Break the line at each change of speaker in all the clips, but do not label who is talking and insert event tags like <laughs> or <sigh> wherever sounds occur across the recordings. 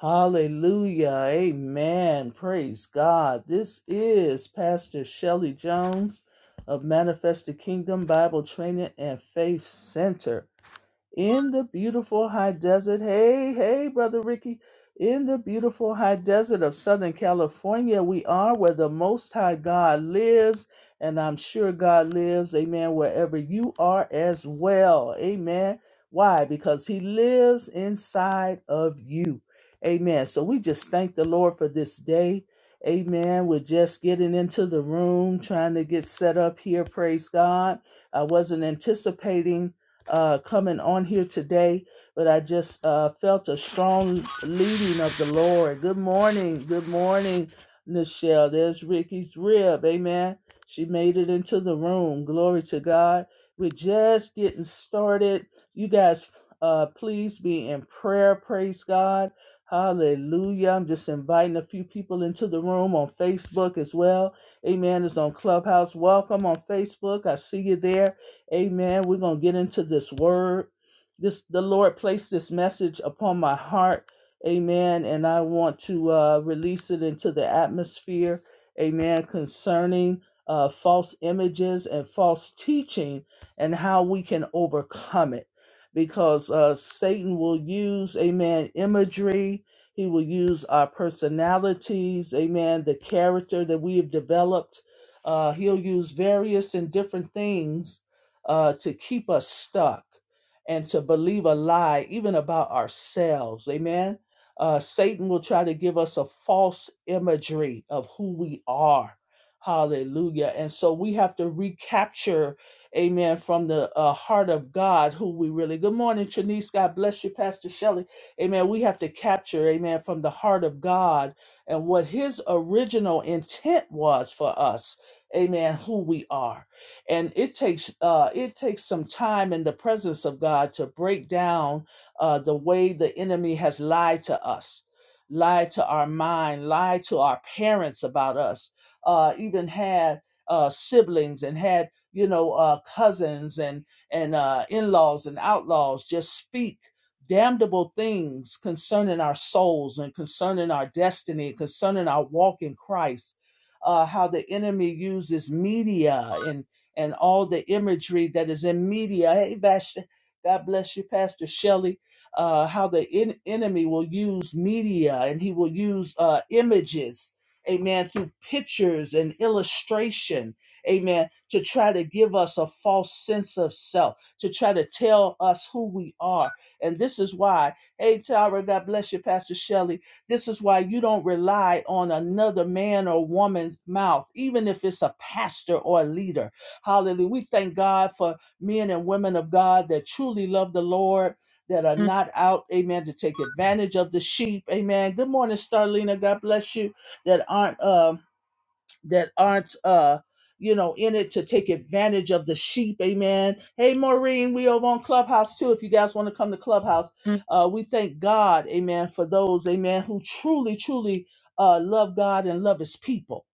Hallelujah. Amen. Praise God. This is Pastor Shelley Jones of Manifest the Kingdom Bible Training and Faith Center in the beautiful high desert. Hey, hey, Brother Ricky. In the beautiful high desert of Southern California, we are where the Most High God lives, and I'm sure God lives, amen, wherever you are as well. Amen. Why? Because He lives inside of you. Amen. So we just thank the Lord for this day. Amen. We're just getting into the room, trying to get set up here. Praise God. I wasn't anticipating uh, coming on here today, but I just uh, felt a strong leading of the Lord. Good morning. Good morning, Nichelle. There's Ricky's rib. Amen. She made it into the room. Glory to God. We're just getting started. You guys, uh, please be in prayer. Praise God. Hallelujah. I'm just inviting a few people into the room on Facebook as well. Amen. It's on Clubhouse. Welcome on Facebook. I see you there. Amen. We're going to get into this word. This the Lord placed this message upon my heart. Amen. And I want to uh, release it into the atmosphere. Amen. Concerning uh, false images and false teaching and how we can overcome it. Because uh, Satan will use, amen, imagery. He will use our personalities, amen, the character that we have developed. Uh, he'll use various and different things uh, to keep us stuck and to believe a lie, even about ourselves. Amen. Uh, Satan will try to give us a false imagery of who we are. Hallelujah. And so we have to recapture, amen, from the uh, heart of God who we really. Good morning, Trinice. God bless you, Pastor Shelley. Amen. We have to capture, amen, from the heart of God and what his original intent was for us. Amen. Who we are and it takes uh, it takes some time in the presence of God to break down uh, the way the enemy has lied to us, lied to our mind, lied to our parents about us, uh, even had uh, siblings and had you know uh, cousins and and uh, in-laws and outlaws just speak damnable things concerning our souls and concerning our destiny, concerning our walk in Christ. Uh, how the enemy uses media and and all the imagery that is in media. Hey, Pastor, God bless you, Pastor Shelley. Uh, how the en- enemy will use media and he will use uh, images, amen, through pictures and illustration, amen, to try to give us a false sense of self, to try to tell us who we are. And this is why, hey, Tyra, God bless you, Pastor Shelley. This is why you don't rely on another man or woman's mouth, even if it's a pastor or a leader Hallelujah. We thank God for men and women of God that truly love the Lord, that are not out, amen, to take advantage of the sheep. Amen. Good morning, Starlina. God bless you. That aren't um that aren't uh you know in it to take advantage of the sheep. Amen. Hey Maureen, we over on Clubhouse too. If you guys want to come to Clubhouse, uh we thank God, amen, for those, amen, who truly, truly uh love God and love his people.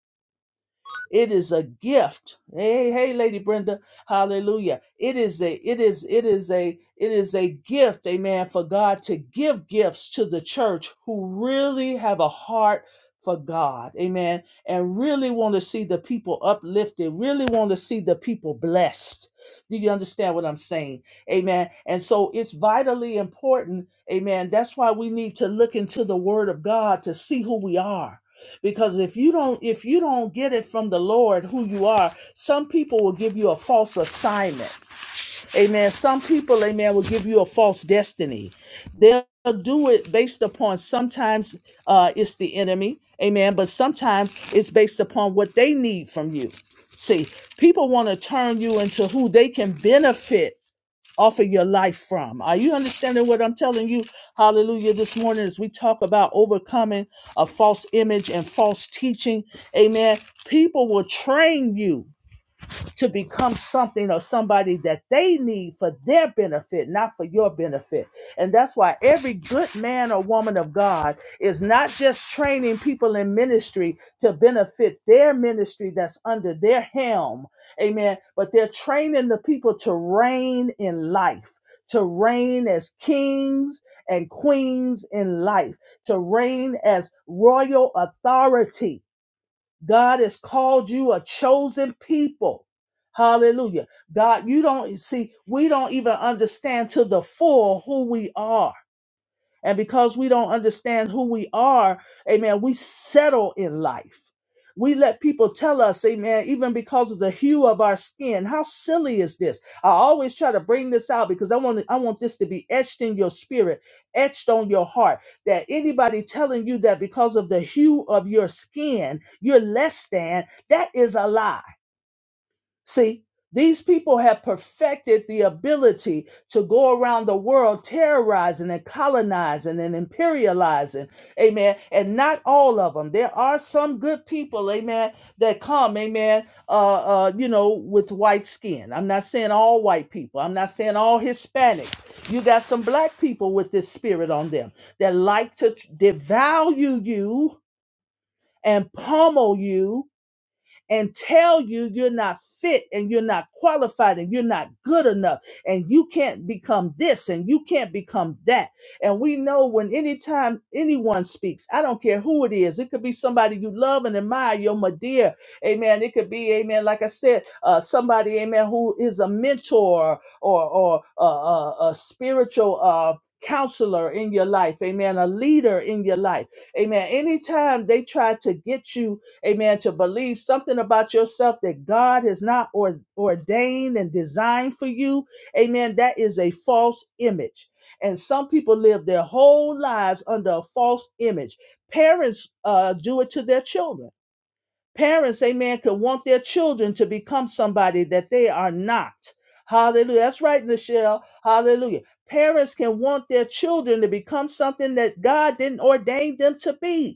It is a gift. Hey, hey, Lady Brenda. Hallelujah. It is a, it is, it is a, it is a gift, amen, for God to give gifts to the church who really have a heart for God. Amen. And really want to see the people uplifted, really want to see the people blessed. Do you understand what I'm saying? Amen. And so it's vitally important. Amen. That's why we need to look into the word of God to see who we are because if you don't if you don't get it from the lord who you are some people will give you a false assignment amen some people amen will give you a false destiny they'll do it based upon sometimes uh it's the enemy amen but sometimes it's based upon what they need from you see people want to turn you into who they can benefit offer your life from. Are you understanding what I'm telling you? Hallelujah. This morning, as we talk about overcoming a false image and false teaching, amen. People will train you to become something or somebody that they need for their benefit, not for your benefit. And that's why every good man or woman of God is not just training people in ministry to benefit their ministry that's under their helm. Amen. But they're training the people to reign in life. To reign as kings and queens in life, to reign as royal authority God has called you a chosen people. Hallelujah. God, you don't see, we don't even understand to the full who we are. And because we don't understand who we are, amen, we settle in life. We let people tell us, amen, even because of the hue of our skin. How silly is this? I always try to bring this out because I want I want this to be etched in your spirit, etched on your heart. That anybody telling you that because of the hue of your skin, you're less than, that is a lie. See, these people have perfected the ability to go around the world terrorizing and colonizing and imperializing. Amen. And not all of them. There are some good people, amen, that come, amen, uh, uh, you know, with white skin. I'm not saying all white people. I'm not saying all Hispanics. You got some black people with this spirit on them that like to devalue you and pummel you and tell you you're not fit and you're not qualified and you're not good enough and you can't become this and you can't become that. And we know when anytime anyone speaks, I don't care who it is, it could be somebody you love and admire, your Madeira, amen. It could be, amen, like I said, uh, somebody, amen, who is a mentor or, or uh, uh, a spiritual uh, counselor in your life, amen, a leader in your life, amen. Anytime they try to get you amen, to believe something about yourself that God has not or, ordained and designed for you, amen, that is a false image. And some people live their whole lives under a false image. Parents uh, do it to their children. Parents, amen, could want their children to become somebody that they are not. Hallelujah. That's right, Michelle. Hallelujah. Parents can want their children to become something that God didn't ordain them to be.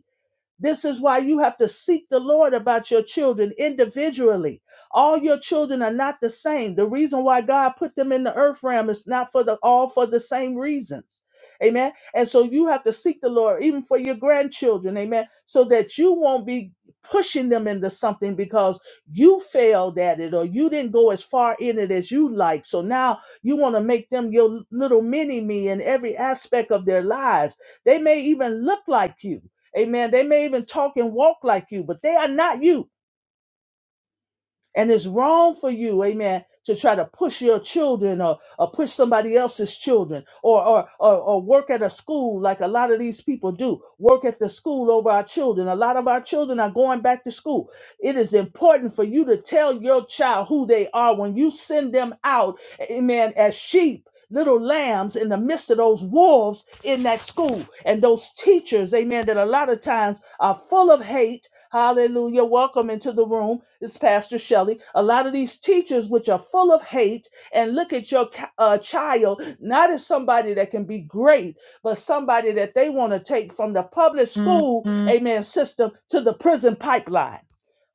This is why you have to seek the Lord about your children individually. All your children are not the same. The reason why God put them in the earth realm is not for the all for the same reasons. Amen. And so you have to seek the Lord even for your grandchildren. Amen. So that you won't be pushing them into something because you failed at it or you didn't go as far in it as you like. So now you want to make them your little mini me in every aspect of their lives. They may even look like you Amen. They may even talk and walk like you, but they are not you. And it's wrong for you, amen, to try to push your children or, or push somebody else's children or, or, or, or work at a school like a lot of these people do. Work at the school over our children. A lot of our children are going back to school. It is important for you to tell your child who they are when you send them out, amen, as sheep little lambs in the midst of those wolves in that school and those teachers, amen, that a lot of times are full of hate. Hallelujah. Welcome into the room. It's Pastor Shelley. A lot of these teachers, which are full of hate, and look at your ca- uh, child not as somebody that can be great, but somebody that they want to take from the public school, Mhm. amen, system to the prison pipeline.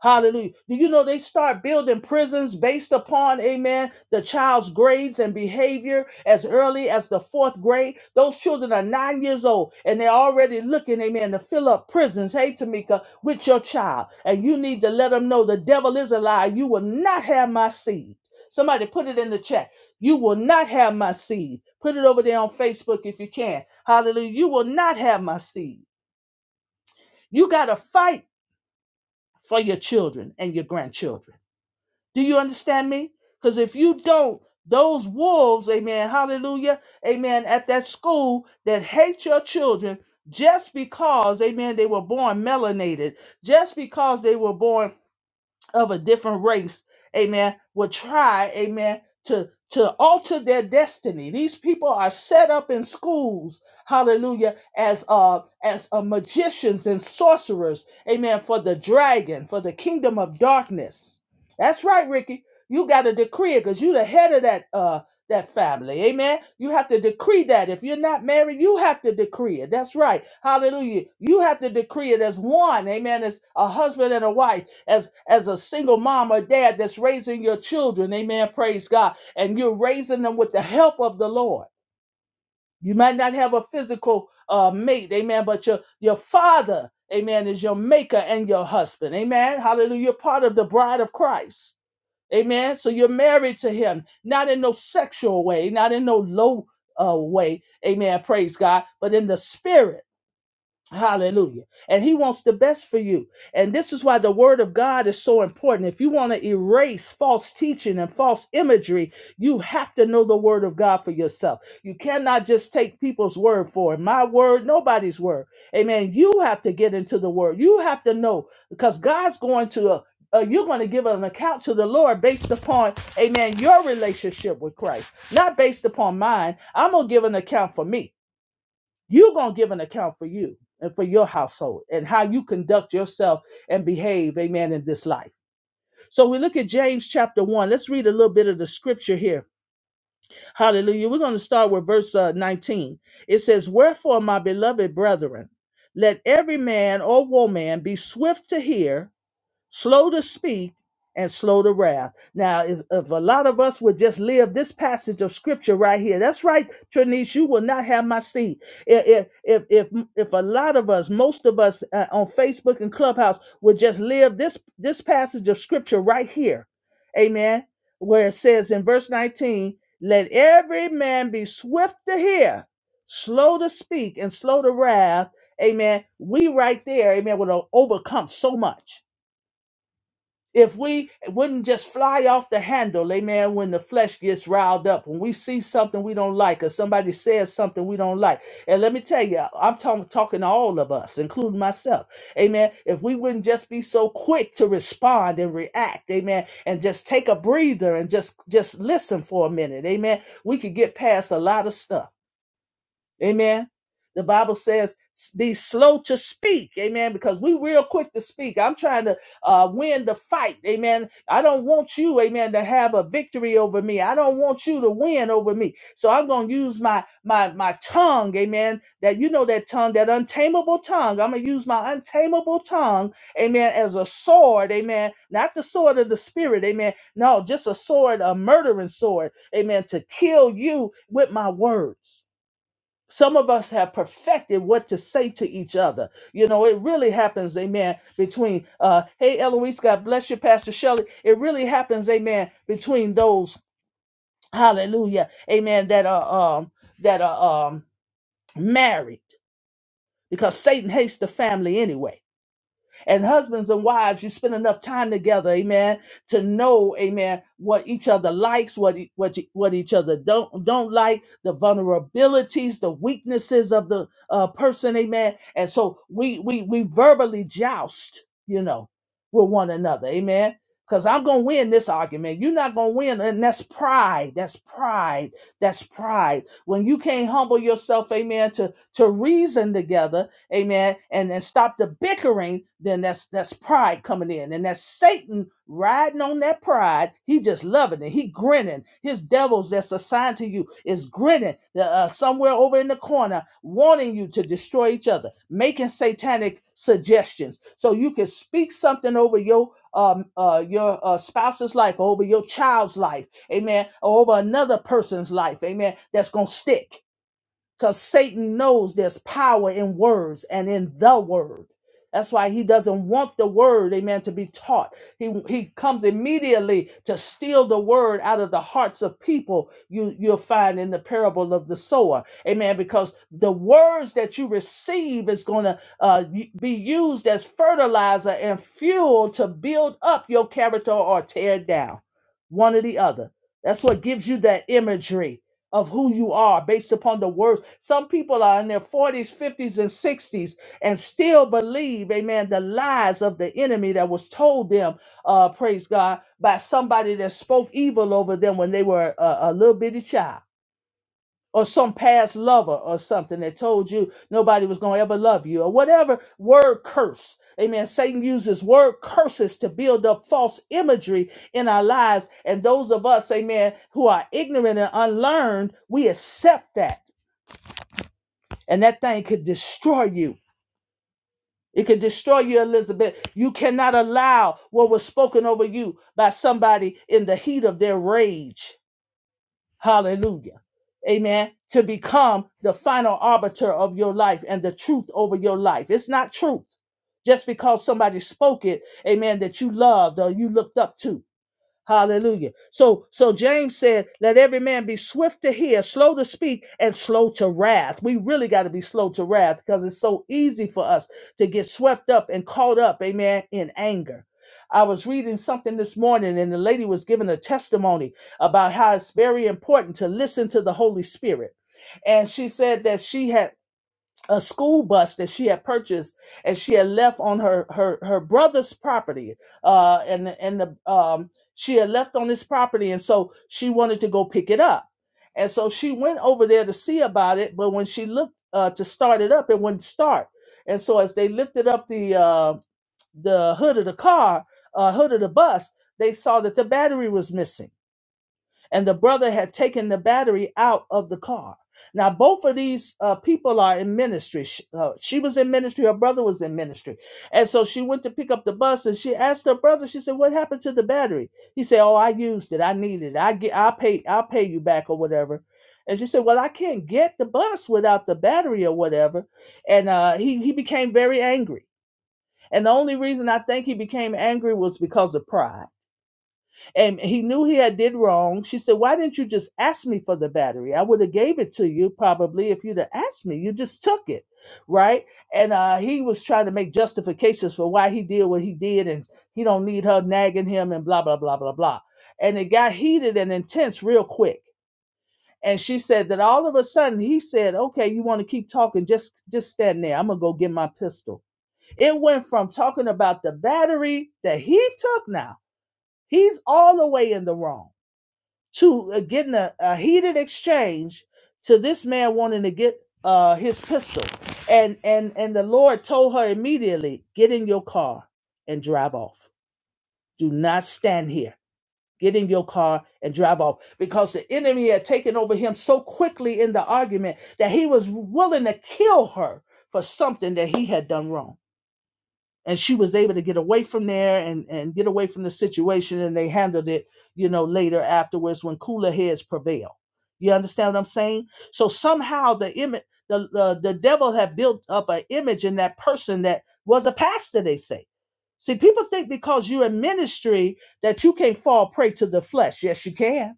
Hallelujah. Do you know they start building prisons based upon, amen, the child's grades and behavior as early as the fourth grade? Those children are nine years old and they're already looking, amen, to fill up prisons, hey, Tamika, with your child. And you need to let them know the devil is a lie. You will not have my seed. Somebody put it in the chat. You will not have my seed. Put it over there on Facebook if you can. Hallelujah. You will not have my seed. You got to fight for your children and your grandchildren. Do you understand me? Because if you don't, those wolves, amen, hallelujah, amen, at that school that hate your children just because, amen, they were born melanated, just because they were born of a different race, amen, will try, amen, to to alter their destiny. These people are set up in schools, hallelujah, as uh as uh, magicians and sorcerers, amen, for the dragon, for the kingdom of darkness. That's right, Ricky. You got to decree it because you are the head of that uh that family. Amen. You have to decree that. If you're not married, you have to decree it. That's right. Hallelujah. You have to decree it as one. Amen. As a husband and a wife as as a single mom or dad that's raising your children amen praise god and you're raising them with the help of the lord you might not have a physical uh, mate amen but your your father amen is your maker and your husband amen hallelujah you're part of the bride of christ amen so you're married to him not in no sexual way not in no low uh, way amen praise god but in the spirit Hallelujah. And he wants the best for you. And this is why the word of God is so important. If you want to erase false teaching and false imagery, you have to know the word of God for yourself. You cannot just take people's word for it. My word, nobody's word. Amen. You have to get into the word. You have to know because God's going to, uh, uh, you're going to give an account to the Lord based upon, amen, your relationship with Christ, not based upon mine. I'm going to give an account for me you're going to give an account for you and for your household and how you conduct yourself and behave, amen, in this life. So we look at James chapter 1. Let's read a little bit of the scripture here. Hallelujah. We're going to start with verse uh, 19. It says, Wherefore, my beloved brethren, let every man or woman be swift to hear slow to speak and slow to wrath. Now, if, if a lot of us would just live this passage of scripture right here, that's right, Trinice, you will not have my seat. If if if if, if a lot of us, most of us uh, on Facebook and Clubhouse would just live this this passage of scripture right here, Amen. Where it says in verse 19, "Let every man be swift to hear, slow to speak, and slow to wrath." Amen. We right there, amen, would overcome so much if we wouldn't just fly off the handle, amen, when the flesh gets riled up, when we see something we don't like, or somebody says something we don't like. And let me tell you, I'm talking talking to all of us, including myself, amen. If we wouldn't just be so quick to respond and react, amen, and just take a breather and just just listen for a minute, amen, we could get past a lot of stuff. Amen. The Bible says, be slow to speak. Amen. Because we real quick to speak. I'm trying to uh, win the fight. Amen. I don't want you, amen, to have a victory over me. I don't want you to win over me. So I'm going to use my, my, my tongue. Amen. That, you know, that tongue, that untamable tongue. I'm going to use my untamable tongue. Amen. As a sword. Amen. Not the sword of the spirit. Amen. No, just a sword, a murdering sword. Amen. To kill you with my words. Some of us have perfected what to say to each other. You know, it really happens, amen, between, uh, hey, Eloise, God bless you, Pastor Shelley. It really happens, amen, between those, hallelujah, amen, that are, um, that are, um, married because Satan hates the family anyway. And husbands and wives, you spend enough time together, amen, to know, amen, what each other likes, what e- what e- what each other don't don't like, the vulnerabilities, the weaknesses of the uh, person, amen. And so we we we verbally joust, you know, with one another, amen. Because I'm gonna win this argument. You're not gonna win, and that's pride. That's pride. That's pride. When you can't humble yourself, amen, to to reason together amen, and then stop the bickering, then that's that's pride coming in. And that's Satan riding on that pride. He just loving it. He grinning. His devils that's assigned to you is grinning uh, uh, somewhere over in the corner, wanting you to destroy each other, making satanic suggestions. So you can speak something over your um, uh, your uh, spouse's life, over your child's life, amen, or over another person's life, amen, that's going to stick because Satan knows there's power in words and in the word. That's why he doesn't want the word, amen, to be taught. He he comes immediately to steal the word out of the hearts of people. You you'll find in the parable of the sower, amen, because the words that you receive is going to uh, y- be used as fertilizer and fuel to build up your character or tear it down, one or the other. That's what gives you that imagery of who you are based upon the words. Some people are in their 40s, 50s, and 60s and still believe, amen, the lies of the enemy that was told them, uh, praise God, by somebody that spoke evil over them when they were a, a little bitty child or some past lover or something that told you nobody was going to ever love you or whatever word curse. Amen. Satan uses word curses to build up false imagery in our lives. And those of us, amen, who are ignorant and unlearned, we accept that. And that thing could destroy you. It could destroy you, Elizabeth. You cannot allow what was spoken over you by somebody in the heat of their rage Hallelujah. Amen. To become the final arbiter of your life and the truth over your life. It's not truth just because somebody spoke it, amen, that you loved or you looked up to. Hallelujah. So so James said, let every man be swift to hear, slow to speak, and slow to wrath. We really got to be slow to wrath because it's so easy for us to get swept up and caught up, amen, in anger. I was reading something this morning and the lady was giving a testimony about how it's very important to listen to the Holy Spirit. And she said that she had a school bus that she had purchased and she had left on her her her brother's property uh and the- and the um she had left on his property and so she wanted to go pick it up and so she went over there to see about it but when she looked uh to start it up it wouldn't start and so as they lifted up the uh the hood of the car uh hood of the bus they saw that the battery was missing and the brother had taken the battery out of the car. Now, both of these uh, people are in ministry. Sh- uh, she was in ministry, her brother was in ministry. And so she went to pick up the bus and she asked her brother, she said, What happened to the battery? He said, Oh, I used it. I need it. I get I'll pay, I'll pay you back or whatever. And she said, Well, I can't get the bus without the battery or whatever. And uh, he, he became very angry. And the only reason I think he became angry was because of pride and he knew he had did wrong. She said, "Why didn't you just ask me for the battery? I would have gave it to you probably if you'd have asked me. You just took it, right?" And uh, he was trying to make justifications for why he did what he did, and he don't need her nagging him and blah blah blah blah blah. And it got heated and intense real quick. And she said that all of a sudden he said, "Okay, you want to keep talking? Just just stand there. I'm gonna go get my pistol." It went from talking about the battery that he took now. He's all the way in the wrong to uh, getting a, a heated exchange to this man wanting to get uh, his pistol. And, and, and the Lord told her immediately, get in your car and drive off. Do not stand here. Get in your car and drive off because the enemy had taken over him so quickly in the argument that he was willing to kill her for something that he had done wrong and she was able to get away from there and and get away from the situation and they handled it you know later afterwards when cooler heads prevail you understand what i'm saying so somehow the image the, the the devil had built up an image in that person that was a pastor they say see people think because you're in ministry that you can't fall prey to the flesh yes you can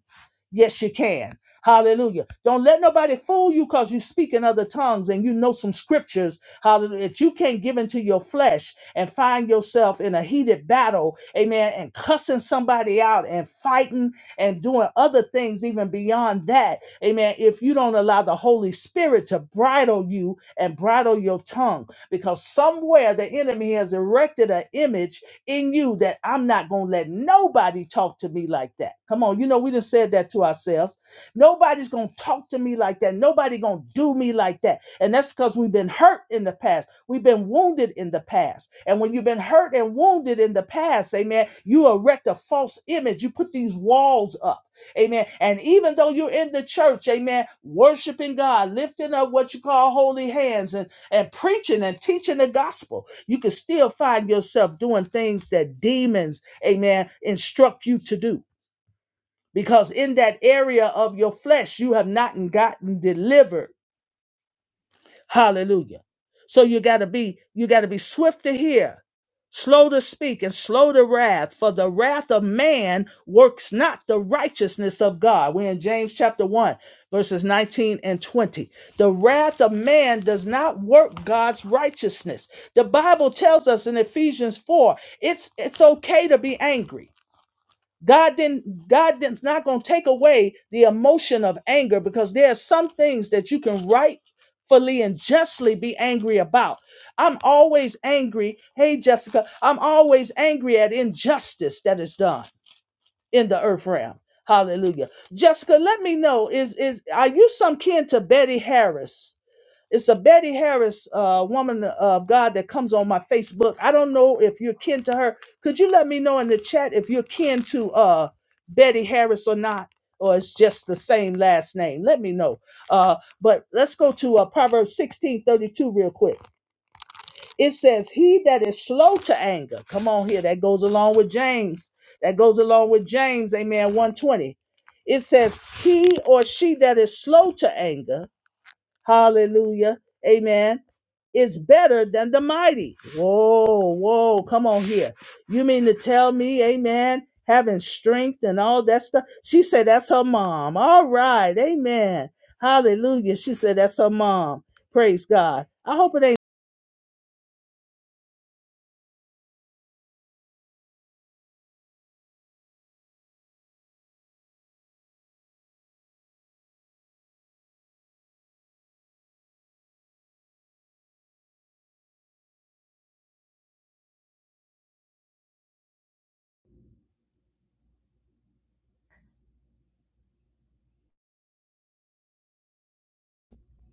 Yes, you can. Hallelujah. Don't let nobody fool you because you speak in other tongues and you know some scriptures, hallelujah, that you can't give into your flesh and find yourself in a heated battle, amen, and cussing somebody out and fighting and doing other things even beyond that, amen, if you don't allow the Holy Spirit to bridle you and bridle your tongue because somewhere the enemy has erected an image in you that I'm not going to let nobody talk to me like that. Come on, you know, we just said that to ourselves. Nobody's going to talk to me like that. Nobody going to do me like that. And that's because we've been hurt in the past. We've been wounded in the past. And when you've been hurt and wounded in the past, amen, you erect a false image. You put these walls up. Amen. And even though you're in the church, amen, worshiping God, lifting up what you call holy hands and and preaching and teaching the gospel, you can still find yourself doing things that demons, amen, instruct you to do. Because in that area of your flesh, you have not gotten delivered Hallelujah. So you got to be you got to be swift to hear, slow to speak and slow to wrath, for the wrath of man works not the righteousness of God. We're in James chapter 1 verses 19 and 20. The wrath of man does not work God's righteousness. The Bible tells us in Ephesians 4, it's it's okay to be angry. God didn't God is not going to take away the emotion of anger because there are some things that you can rightfully and justly be angry about. I'm always angry. Hey Jessica, I'm always angry at injustice that is done in the earth realm. Hallelujah. Jessica, let me know is is are you some kin to Betty Harris? It's a Betty Harris, uh, woman uh, of God that comes on my Facebook. I don't know if you're kin to her. Could you let me know in the chat if you're kin to uh Betty Harris or not, or it's just the same last name? Let me know. Uh, but let's go to uh, Proverbs 16:32 real quick. It says, "He that is slow to anger." Come on here. That goes along with James. That goes along with James. Amen. 120. It says, "He or she that is slow to anger." Hallelujah. Amen. It's better than the mighty. Whoa, whoa, come on here. You mean to tell me, amen, having strength and all that stuff? She said that's her mom. All right, amen. Hallelujah. She said that's her mom. Praise God. I hope it ain't.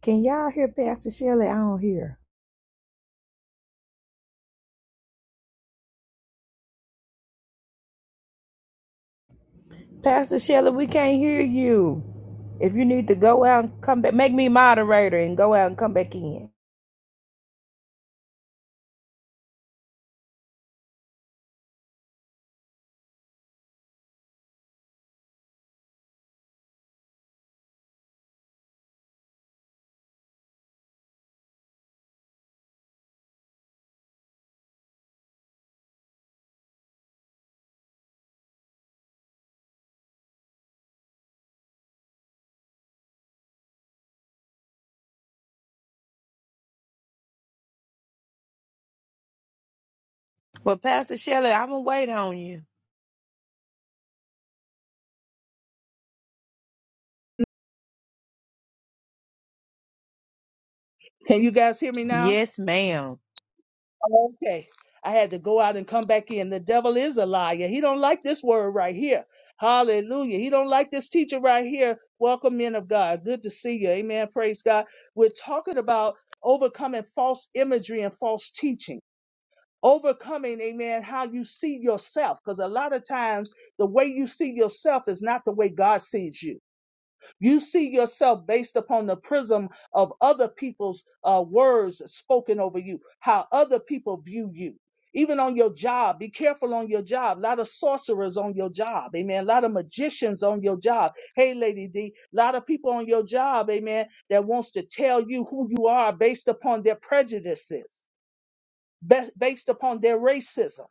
Can y'all hear Pastor Shelley? I don't hear. Pastor Shelley, we can't hear you. If you need to go out and come back, make me moderator and go out and come back in. Well, Pastor Shelley, I'm gonna wait on you.
Can you guys hear me now?
Yes, ma'am.
Okay. I had to go out and come back in. The devil is a liar. He don't like this word right here. Hallelujah. He don't like this teacher right here. Welcome, men of God. Good to see you. Amen. Praise God. We're talking about overcoming false imagery and false teaching. Overcoming, amen, how you see yourself. Because a lot of times the way you see yourself is not the way God sees you. You see yourself based upon the prism of other people's uh, words spoken over you, how other people view you. Even on your job, be careful on your job. A lot of sorcerers on your job, amen. A lot of magicians on your job. Hey, Lady D, a lot of people on your job, amen, that wants to tell you who you are based upon their prejudices, bas- based upon their racism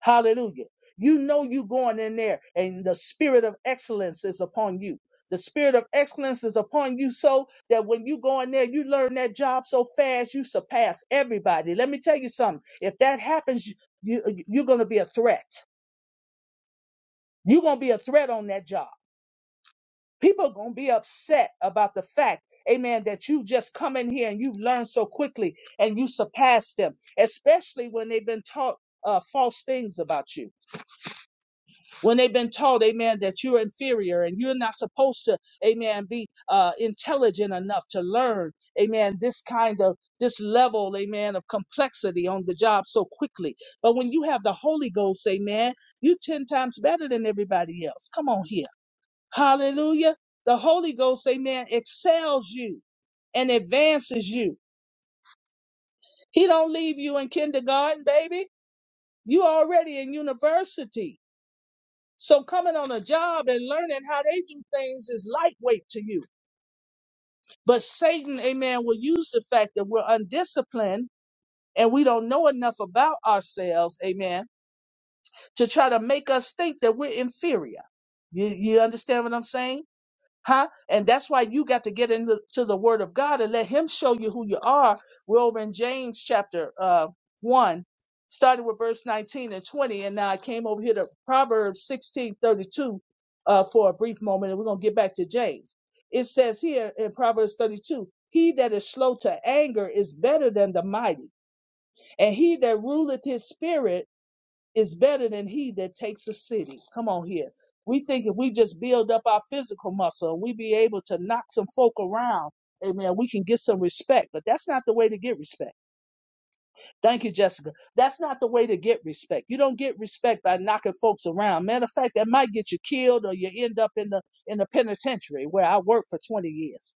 Hallelujah. You know you going in there and the spirit of excellence is upon you. The spirit of excellence is upon you so that when you go in there, you learn that job so fast, you surpass everybody. Let me tell you something. If that happens, you, you- you're going to be a threat. You're going to be a threat on that job. People are going to be upset about the fact, amen, that you've just come in here and you've learned so quickly and you surpass them, especially when they've been taught uh, false things about you when they've been taught, amen, that you're inferior and you're not supposed to, amen, be uh, intelligent enough to learn, amen, this kind of, this level, amen, of complexity on the job so quickly. But when you have the Holy Ghost, amen, you 10 times better than everybody else. Come on here. Hallelujah. The Holy Ghost, amen, excels you and advances you. He don't leave you in kindergarten, baby. You already in university. So coming on a job and learning how they do things is lightweight to you. But Satan, amen, will use the fact that we're undisciplined and we don't know enough about ourselves, amen, to try to make us think that we're inferior. You, you understand what I'm saying? Huh? And that's why you got to get into to the word of God and let him show you who you are. We're over in James chapter uh one, starting with verse 19 and 20. And now I came over here to Proverbs 16 32 uh for a brief moment, and we're gonna get back to James. It says here in Proverbs 32, he that is slow to anger is better than the mighty, and he that ruleth his spirit is better than he that takes a city. Come on here. We think if we just build up our physical muscle, we be able to knock some folk around. Amen. We can get some respect, but that's not the way to get respect. Thank you, Jessica. That's not the way to get respect. You don't get respect by knocking folks around. Matter of fact, that might get you killed or you end up in the in the penitentiary where I worked for 20 years.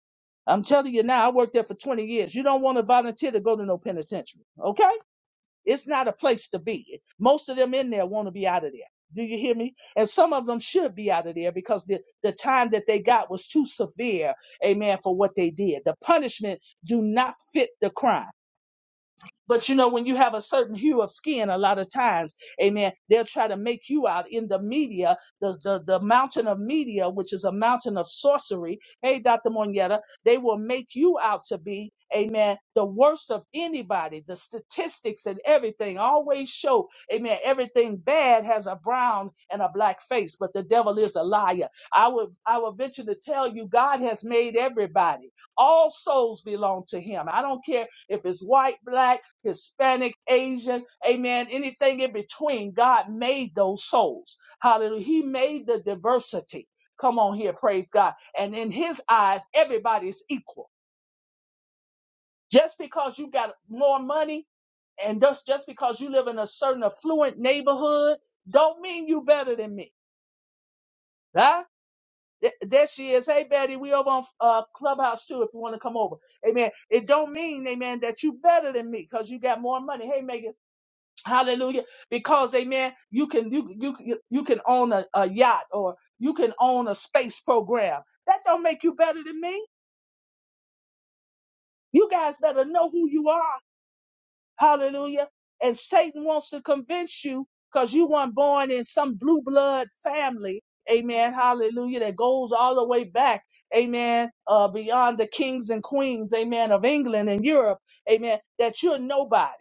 I'm telling you now, I worked there for 20 years. You don't want to volunteer to go to no penitentiary. Okay? It's not a place to be. Most of them in there want to be out of there. Do you hear me? And some of them should be out of there because the, the time that they got was too severe, amen, for what they did. The punishment do not fit the crime. But you know, when you have a certain hue of skin, a lot of times, amen, they'll try to make you out in the media, the, the, the mountain of media, which is a mountain of sorcery. Hey, Dr. Monietta, they will make you out to be, amen, the worst of anybody. The statistics and everything always show, amen, everything bad has a brown and a black face, but the devil is a liar. I would, I would venture to tell you, God has made everybody. All souls belong to him. I don't care if it's white, black, Hispanic, Asian, amen, anything in between. God made those souls. Hallelujah. He made the diversity. Come on here, praise God. And in his eyes, everybody is equal. Just because you got more money and just, just because you live in a certain affluent neighborhood don't mean you better than me. Huh? Th- There she is. Hey, Betty, we over on uh, Clubhouse too if you want to come over. Amen. It don't mean, amen, that you better than me because you got more money. Hey, Megan, Hallelujah. Because amen, you can you you you you can own a, a yacht or you can own a space program. That don't make you better than me. You guys better know who you are. Hallelujah. And Satan wants to convince you because you weren't born in some blue blood family. Amen. Hallelujah. That goes all the way back. Amen. Uh, beyond the kings and queens. Amen. Of England and Europe. Amen. That you're nobody.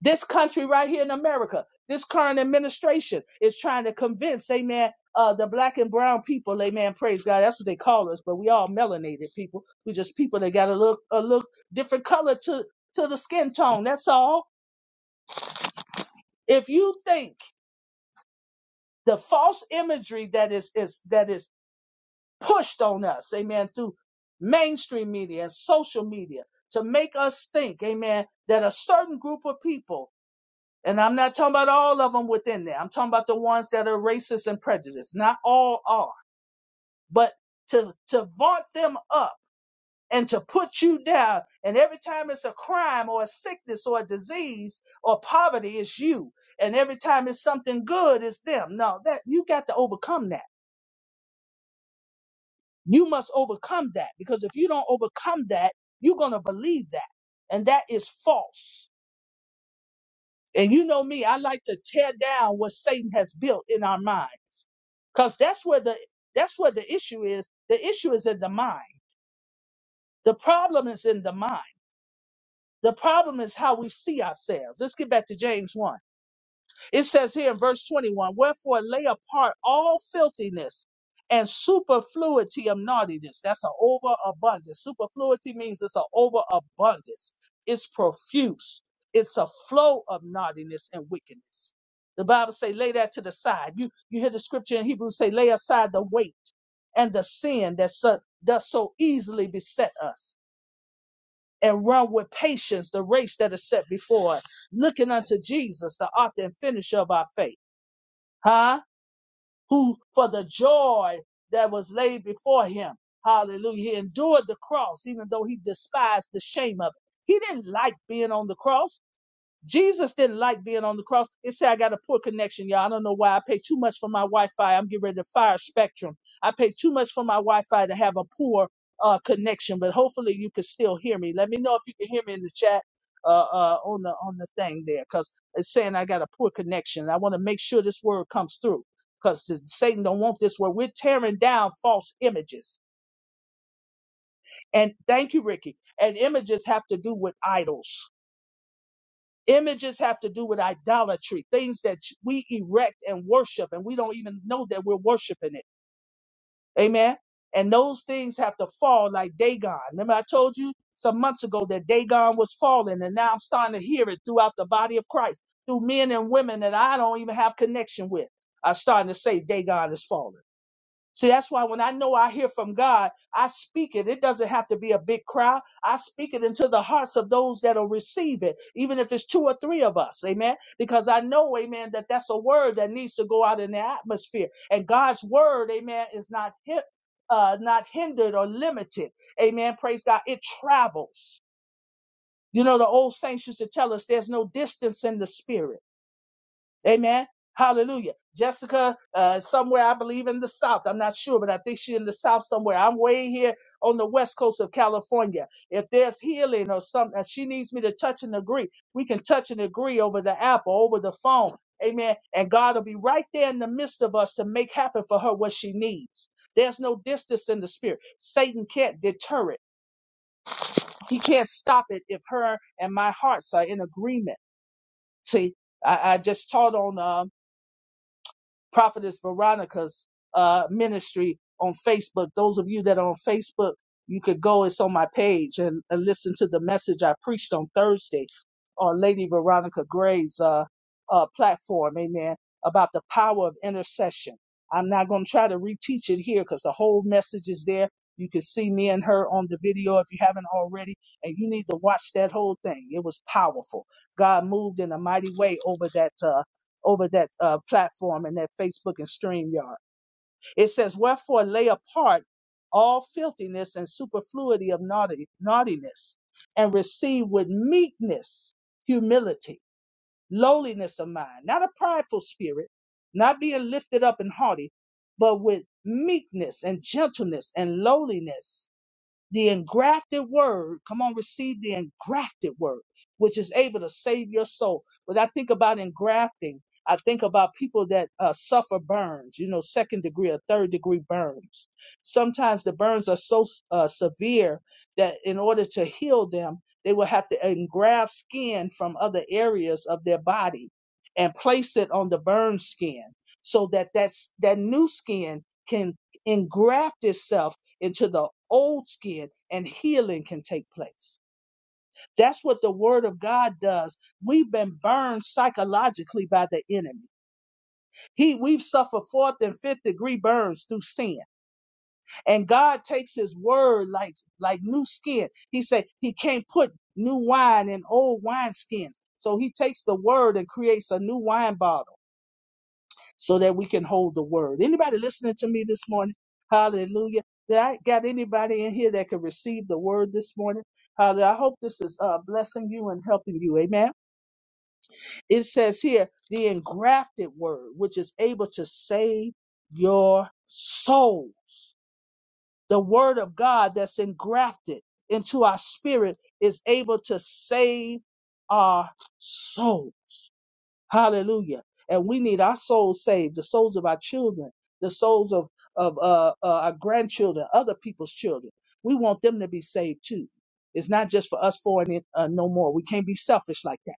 This country right here in America, this current administration is trying to convince, amen, uh, the black and brown people, amen, praise God. That's what they call us, but we all melanated people. We just people that got a look a look different color to to the skin tone. That's all. If you think the false imagery that is is that is pushed on us, amen, through mainstream media and social media to make us think, amen, that a certain group of people And I'm not talking about all of them within there. I'm talking about the ones that are racist and prejudiced. Not all are, but to to vaunt them up and to put you down. And every time it's a crime or a sickness or a disease or poverty, it's you. And every time it's something good, it's them. No, that you got to overcome that. You must overcome that because if you don't overcome that, you're gonna believe that, and that is false And you know me, I like to tear down what Satan has built in our minds. Cause that's where the that's where the issue is. The issue is in the mind. The problem is in the mind. The problem is how we see ourselves. Let's get back to James 1. It says here in verse 21 Wherefore lay apart all filthiness and superfluity of naughtiness. That's an overabundance. Superfluity means it's an overabundance, it's profuse, it's a flow of naughtiness and wickedness. The Bible say, lay that to the side. You you hear the scripture in Hebrews say, lay aside the weight and the sin that so, does so easily beset us, and run with patience the race that is set before us, looking unto Jesus, the author and finisher of our faith huh? Who for the joy that was laid before him. Hallelujah. He endured the cross, even though he despised the shame of it. He didn't like being on the cross. Jesus didn't like being on the cross. It said, I got a poor connection, y'all. I don't know why I pay too much for my Wi Fi. I'm getting ready to fire Spectrum. I pay too much for my Wi Fi to have a poor uh, connection, but hopefully you can still hear me. Let me know if you can hear me in the chat. Uh, uh, on the on the thing there, because it's saying I got a poor connection. I want to make sure this word comes through, because Satan don't want this word. We're tearing down false images, and thank you, Ricky. And images have to do with idols Images have to do with idolatry, things that we erect and worship, and we don't even know that we're worshiping it. Amen. And those things have to fall like Dagon. Remember, I told you some months ago that Dagon was falling, and now I'm starting to hear it throughout the body of Christ, through men and women that I don't even have connection with. I'm starting to say Dagon is falling. See, that's why when I know I hear from God, I speak it. It doesn't have to be a big crowd. I speak it into the hearts of those that'll receive it, even if it's two or three of us. Amen. Because I know, amen, that that's a word that needs to go out in the atmosphere. And God's word, amen, is not hip, uh, not hindered or limited. Amen. Praise God. It travels. You know, the old saints used to tell us there's no distance in the spirit. Amen. Hallelujah. Jessica, uh, somewhere I believe in the South. I'm not sure, but I think she's in the South somewhere. I'm way here on the west coast of California. If there's healing or something, if she needs me to touch and agree, we can touch and agree over the app or over the phone. Amen. And God will be right there in the midst of us to make happen for her what she needs. There's no distance in the spirit. Satan can't deter it. He can't stop it if her and my hearts are in agreement. See, I, I just taught on. uh, Prophetess Veronica's uh, ministry on Facebook. Those of you that are on Facebook, you could go, it's on my page, and, and listen to the message I preached on Thursday on Lady Veronica Graves' uh, uh, platform, amen, about the power of intercession. I'm not going to try to reteach it here because the whole message is there. You can see me and her on the video if you haven't already, and you need to watch that whole thing. It was powerful. God moved in a mighty way over that. uh, over that uh, platform and that Facebook and StreamYard. It says, Wherefore lay apart all filthiness and superfluity of naughty, naughtiness and receive with meekness, humility, lowliness of mind, not a prideful spirit, not being lifted up and haughty, but with meekness and gentleness and lowliness the engrafted word, come on, receive the engrafted word, which is able to save your soul. When I think about engrafting, I think about people that uh, suffer burns, you know, second degree or third degree burns. Sometimes the burns are so uh, severe that in order to heal them, they will have to engraft skin from other areas of their body and place it on the burned skin so that that's, that new skin can engraft itself into the old skin and healing can take place. That's what the word of God does. We've been burned psychologically by the enemy. He we've suffered fourth and fifth degree burns through sin. And God takes his word like like new skin. He said he can't put new wine in old wineskins. So he takes the word and creates a new wine bottle so that we can hold the word. Anybody listening to me this morning? Hallelujah. Did I got anybody in here that can receive the word this morning? Hallelujah. I hope this is uh, blessing you and helping you. Amen. It says here, the engrafted word, which is able to save your souls. The word of God that's engrafted into our spirit is able to save our souls. Hallelujah. And we need our souls saved, the souls of our children, the souls of, of uh, uh, our grandchildren, other people's children. We want them to be saved too. It's not just for us four and it, uh, no more. We can't be selfish like that.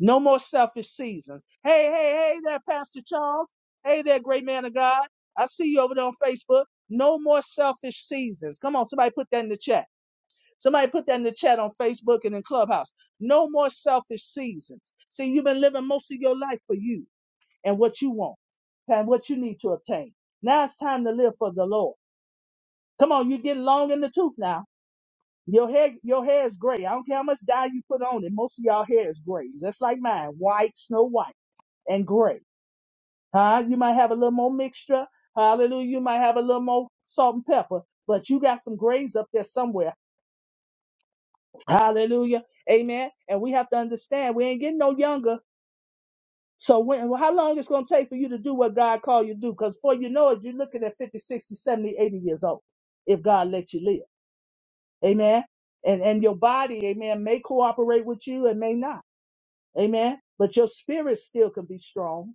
No more selfish seasons. Hey, hey, hey there, Pastor Charles. Hey there, great man of God. I see you over there on Facebook. No more selfish seasons. Come on, somebody put that in the chat. Somebody put that in the chat on Facebook and in Clubhouse. No more selfish seasons. See, you've been living most of your life for you and what you want and what you need to obtain. Now it's time to live for the Lord. Come on, you get long in the tooth now. Your hair, your hair is gray. I don't care how much dye you put on it. Most of y'all hair is gray, just like mine, white, snow white, and gray. Huh? You might have a little more mixture. Hallelujah. You might have a little more salt and pepper, but you got some grays up there somewhere. Hallelujah. Amen. And we have to understand we ain't getting no younger. So when well, how long it's gonna take for you to do what God called you to do? Because before you know it, you're looking at 50, 60, 70, 80 years old if God lets you live. Amen. And and your body, amen, may cooperate with you and may not. Amen. But your spirit still can be strong.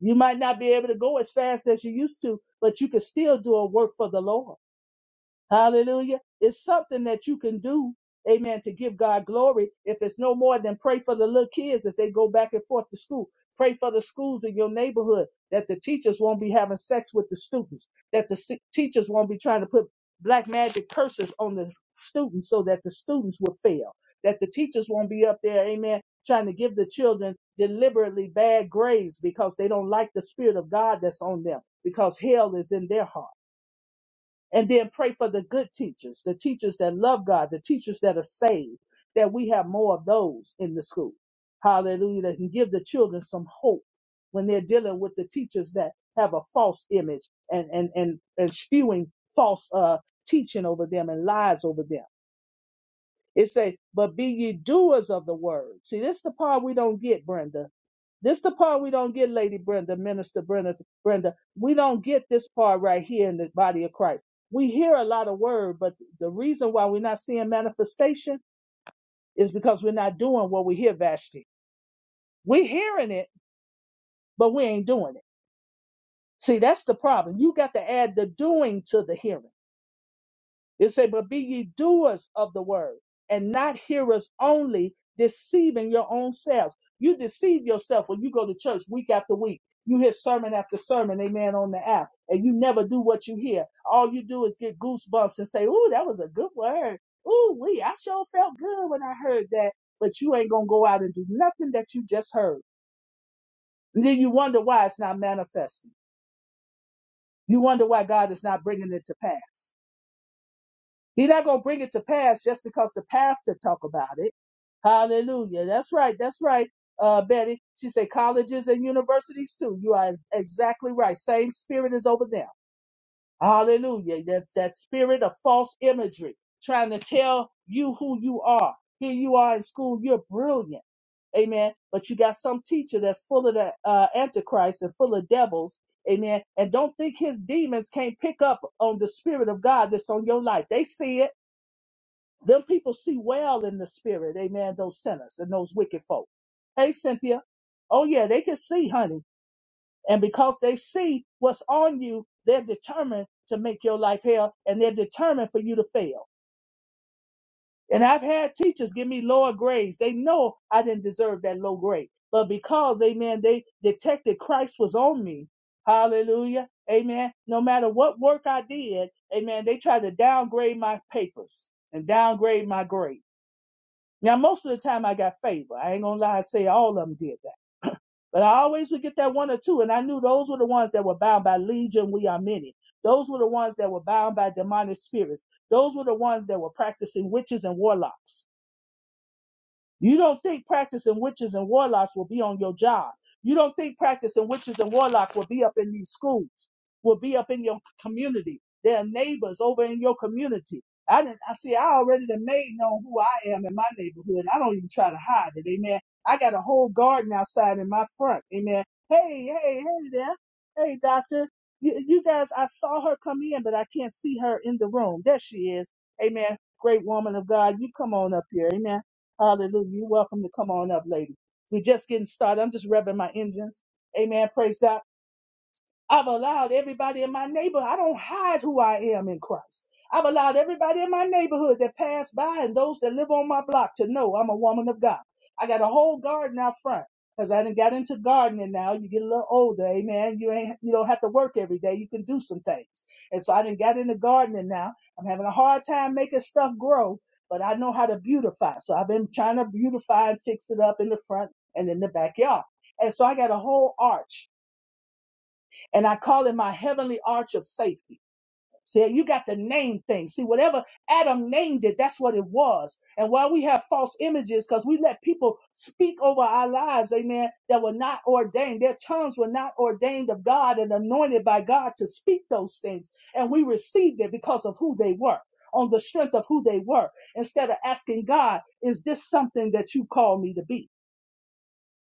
You might not be able to go as fast as you used to, but you can still do a work for the Lord. Hallelujah. It's something that you can do, amen, to give God glory. If it's no more than pray for the little kids as they go back and forth to school. Pray for the schools in your neighborhood that the teachers won't be having sex with the students, that the si- teachers won't be trying to put black magic curses on the students so that the students will fail, that the teachers won't be up there, amen, trying to give the children deliberately bad grades because they don't like the spirit of God that's on them, because hell is in their heart. And then pray for the good teachers, the teachers that love God, the teachers that are saved, that we have more of those in the school. Hallelujah. That can give the children some hope when they're dealing with the teachers that have a false image and, and, and, and spewing false uh, teaching over them and lies over them. It say, but be ye doers of the word. See, this the part we don't get, Brenda. This the part we don't get, Lady Brenda, Minister Brenda, Brenda. We don't get this part right here in the body of Christ. We hear a lot of word, but the reason why we're not seeing manifestation is because we're not doing what we hear, Vashti. We're hearing it, but we ain't doing it. See, that's the problem. You got to add the doing to the hearing. It said, But be ye doers of the word and not hearers only, deceiving your own selves. You deceive yourself when you go to church week after week. You hear sermon after sermon, amen, on the app, and you never do what you hear. All you do is get goosebumps and say, Ooh, that was a good word. Ooh, we, I sure felt good when I heard that. But you ain't going to go out and do nothing that you just heard. And then you wonder why it's not manifesting. You wonder why God is not bringing it to pass. He's not going to bring it to pass just because the pastor talk about it. Hallelujah. That's right. That's right, uh, Betty. She said colleges and universities too. You are ex- exactly right. Same spirit is over there. Hallelujah. That, that spirit of false imagery trying to tell you who you are. Here you are in school. You're brilliant. Amen. But you got some teacher that's full of the uh, antichrist and full of devils. Amen. And don't think his demons can't pick up on the spirit of God that's on your life. They see it. Them people see well in the spirit, amen, those sinners and those wicked folk. Hey, Cynthia. Oh, yeah, they can see, honey. And because they see what's on you, they're determined to make your life hell and they're determined for you to fail. And I've had teachers give me lower grades. They know I didn't deserve that low grade. But because, amen, they detected Christ was on me. Hallelujah. Amen. No matter what work I did, amen, they tried to downgrade my papers and downgrade my grade. Now, most of the time I got favor. I ain't gonna lie and say all of them did that. But I always would get that one or two, and I knew those were the ones that were bound by legion, we are many. Those were the ones that were bound by demonic spirits. Those were the ones that were practicing witches and warlocks. You don't think practicing witches and warlocks will be on your job. You don't think practicing witches and warlock will be up in these schools, will be up in your community. There are neighbors over in your community. I didn't I see I already done made known who I am in my neighborhood. I don't even try to hide it, amen. I got a whole garden outside in my front, amen. Hey, hey, hey there. Hey doctor. You, you guys, I saw her come in, but I can't see her in the room. There she is. Amen. Great woman of God. You come on up here. Amen. Hallelujah. You're welcome to come on up, lady. We're just getting started. I'm just revving my engines. Amen. Praise God. I've allowed everybody in my neighborhood. I don't hide who I am in Christ. I've allowed everybody in my neighborhood that pass by and those that live on my block to know I'm a woman of God. I got a whole garden out front because I done got into gardening now. You get a little older, amen. You ain't you don't have to work every day. You can do some things. And so I done got into gardening now. I'm having a hard time making stuff grow, but I know how to beautify. So I've been trying to beautify and fix it up in the front and in the backyard. And so I got a whole arch and I call it my heavenly arch of safety. See, you got to name things. See, whatever Adam named it, that's what it was. And while we have false images, because we let people speak over our lives, amen, that were not ordained, their tongues were not ordained of God and anointed by God to speak those things. And we received it because of who they were, on the strength of who they were, instead of asking God, is this something that you call me to be?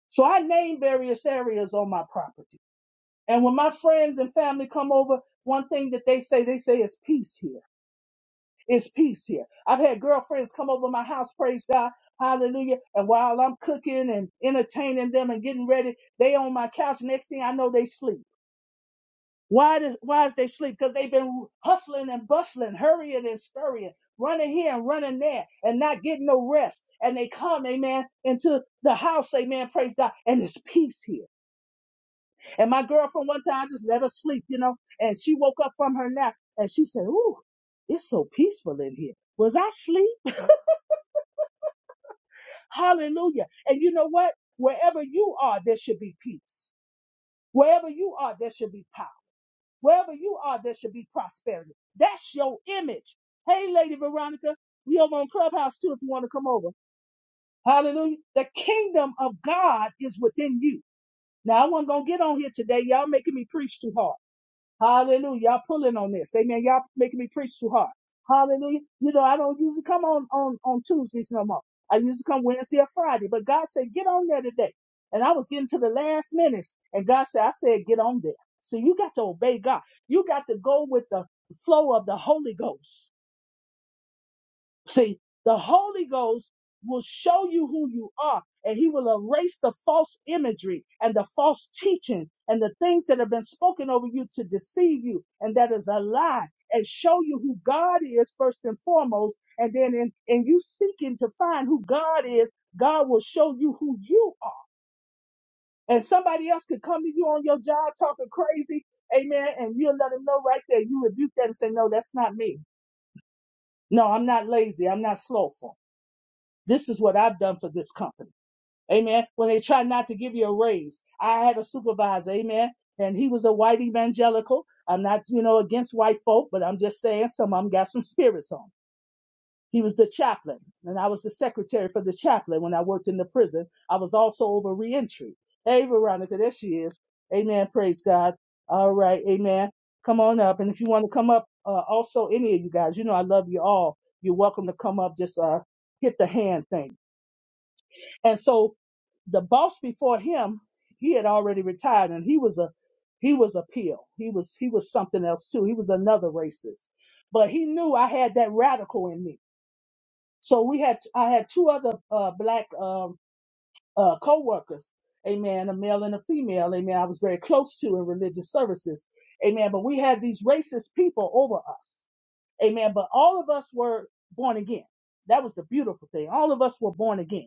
So I named various areas on my property. And when my friends and family come over, one thing that they say, they say, it's peace here. It's peace here. I've had girlfriends come over my house, praise God, hallelujah. And while I'm cooking and entertaining them and getting ready, they on my couch. Next thing I know, they sleep. Why does why is they sleep? Because they've been hustling and bustling, hurrying and scurrying, running here and running there, and not getting no rest. And they come, amen, into the house, amen, praise God, and it's peace here. And my girlfriend one time just let her sleep, you know, and she woke up from her nap and she said, Ooh, it's so peaceful in here. Was I asleep? Hallelujah. And you know what? Wherever you are, there should be peace. Wherever you are, there should be power. Wherever you are, there should be prosperity. That's your image. Hey, Lady Veronica, we over on Clubhouse too if you want to come over. Hallelujah. The kingdom of God is within you. Now, I wasn't going to get on here today. Y'all making me preach too hard. Hallelujah. Y'all pulling on this. Amen. Y'all making me preach too hard. Hallelujah. You know, I don't usually come on, on, on Tuesdays no more. I usually come Wednesday or Friday, but God said, get on there today. And I was getting to the last minutes and God said, I said, get on there. So you got to obey God. You got to go with the flow of the Holy Ghost. See, the Holy Ghost will show you who you are and he will erase the false imagery and the false teaching and the things that have been spoken over you to deceive you and that is a lie and show you who God is first and foremost. And then in, in you seeking to find who God is, God will show you who you are. And somebody else could come to you on your job talking crazy. Amen. And you'll let them know right there. You rebuke that and say, no, that's not me. No, I'm not lazy. I'm not slothful. This is what I've done for this company. Amen. When they try not to give you a raise, I had a supervisor. Amen. And he was a white evangelical. I'm not, you know, against white folk, but I'm just saying some of them got some spirits on. 'em. He was the chaplain, and I was the secretary for the chaplain when I worked in the prison. I was also over reentry. Hey, Veronica, there she is. Amen. Praise God. All right. Amen. Come on up. And if you want to come up, uh, also, any of you guys, you know, I love you all. You're welcome to come up. Just uh, hit the hand thing. And so the boss before him, he had already retired and he was a he was a pill. He was he was something else too. He was another racist. But he knew I had that radical in me. So we had I had two other uh black um uh co-workers, amen, a male and a female, amen. I was very close to in religious services. Amen. But we had these racist people over us. Amen. But all of us were born again. That was the beautiful thing. All of us were born again.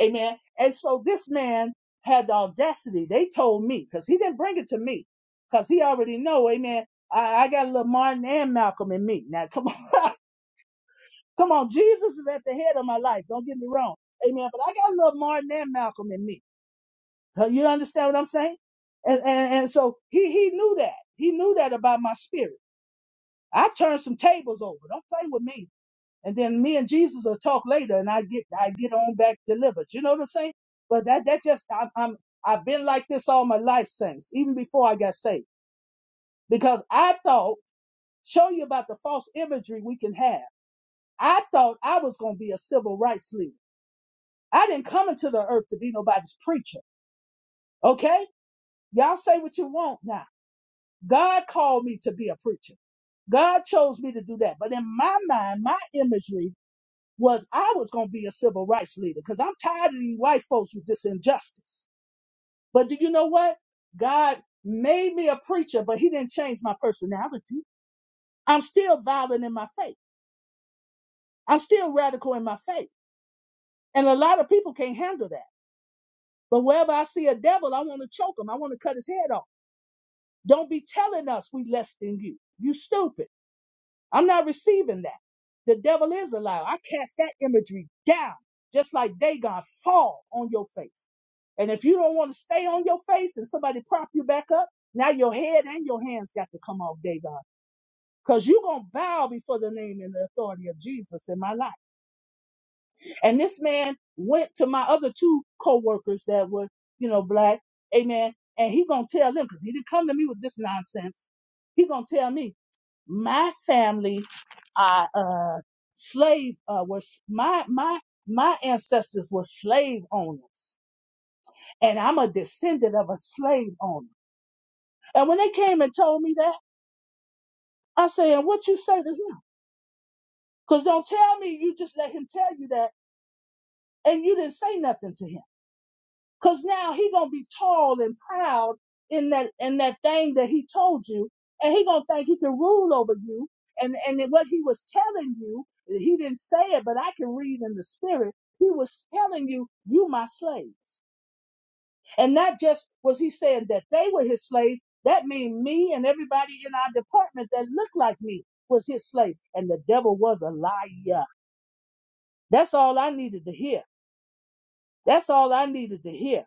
Amen. And so this man had the audacity. They told me because he didn't bring it to me because he already know. Amen. I, I got a little Martin and Malcolm in me. Now come on, <laughs> come on. Jesus is at the head of my life. Don't get me wrong. Amen. But I got a little Martin and Malcolm in me. Uh, You understand what I'm saying? And and, and so he he knew that. He knew that about my spirit. I turned some tables over. Don't play with me and then me and Jesus will talk later, and I get I get on back delivered. You know what I'm saying? But that that just I'm, I'm I've been like this all my life saints. even before I got saved, because I thought show you about the false imagery we can have. I thought I was going to be a civil rights leader. I didn't come into the earth to be nobody's preacher. Okay, y'all say what you want now. God called me to be a preacher. God chose me to do that. But in my mind, my imagery was I was going to be a civil rights leader because I'm tired of these white folks with this injustice. But do you know what? God made me a preacher, but He didn't change my personality. I'm still violent in my faith, I'm still radical in my faith. And a lot of people can't handle that. But wherever I see a devil, I want to choke him, I want to cut his head off. Don't be telling us we less than you. You stupid. I'm not receiving that. The devil is a liar. I cast that imagery down, just like Dagon, fall on your face. And if you don't want to stay on your face and somebody prop you back up, now your head and your hands got to come off Dagon. Because you're going to bow before the name and the authority of Jesus in my life. And this man went to my other two co-workers that were, you know, black, amen. And he gonna tell them because he didn't come to me with this nonsense. He gonna tell me my family are uh, slave. Uh, was my my my ancestors were slave owners, and I'm a descendant of a slave owner. And when they came and told me that, I said, "And what you say to him? Because don't tell me you just let him tell you that, and you didn't say nothing to him." Cause now he gonna be tall and proud in that in that thing that he told you, and he gonna think he can rule over you. And and then what he was telling you, he didn't say it, but I can read in the spirit. He was telling you, you my slaves. And not just was he saying that they were his slaves. That mean me and everybody in our department that looked like me was his slaves. And the devil was a liar. That's all I needed to hear. That's all I needed to hear.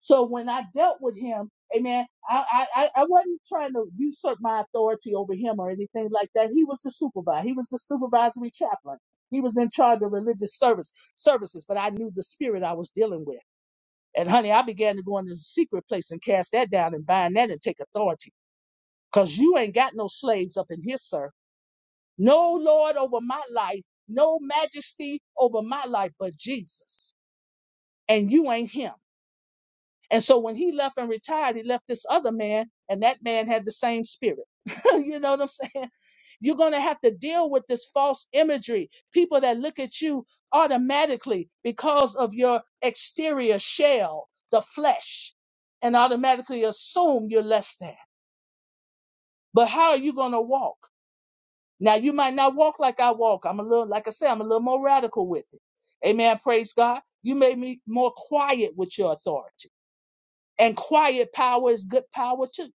So when I dealt with him, amen, I, I, I I wasn't trying to usurp my authority over him or anything like that. He was the supervisor. He was the supervisory chaplain. He was in charge of religious service services, but I knew the spirit I was dealing with. And honey, I began to go into the secret place and cast that down and bind that and take authority. Cause you ain't got no slaves up in here, sir. No Lord over my life, no majesty over my life, but Jesus. And you ain't him. And so when he left and retired, he left this other man, and that man had the same spirit. <laughs> you know what I'm saying? You're going to have to deal with this false imagery. People that look at you automatically because of your exterior shell, the flesh, and automatically assume you're less than. But how are you going to walk? Now, you might not walk like I walk. I'm a little, like I said, I'm a little more radical with it. Amen. Praise God. You made me more quiet with your authority. And quiet power is good power too.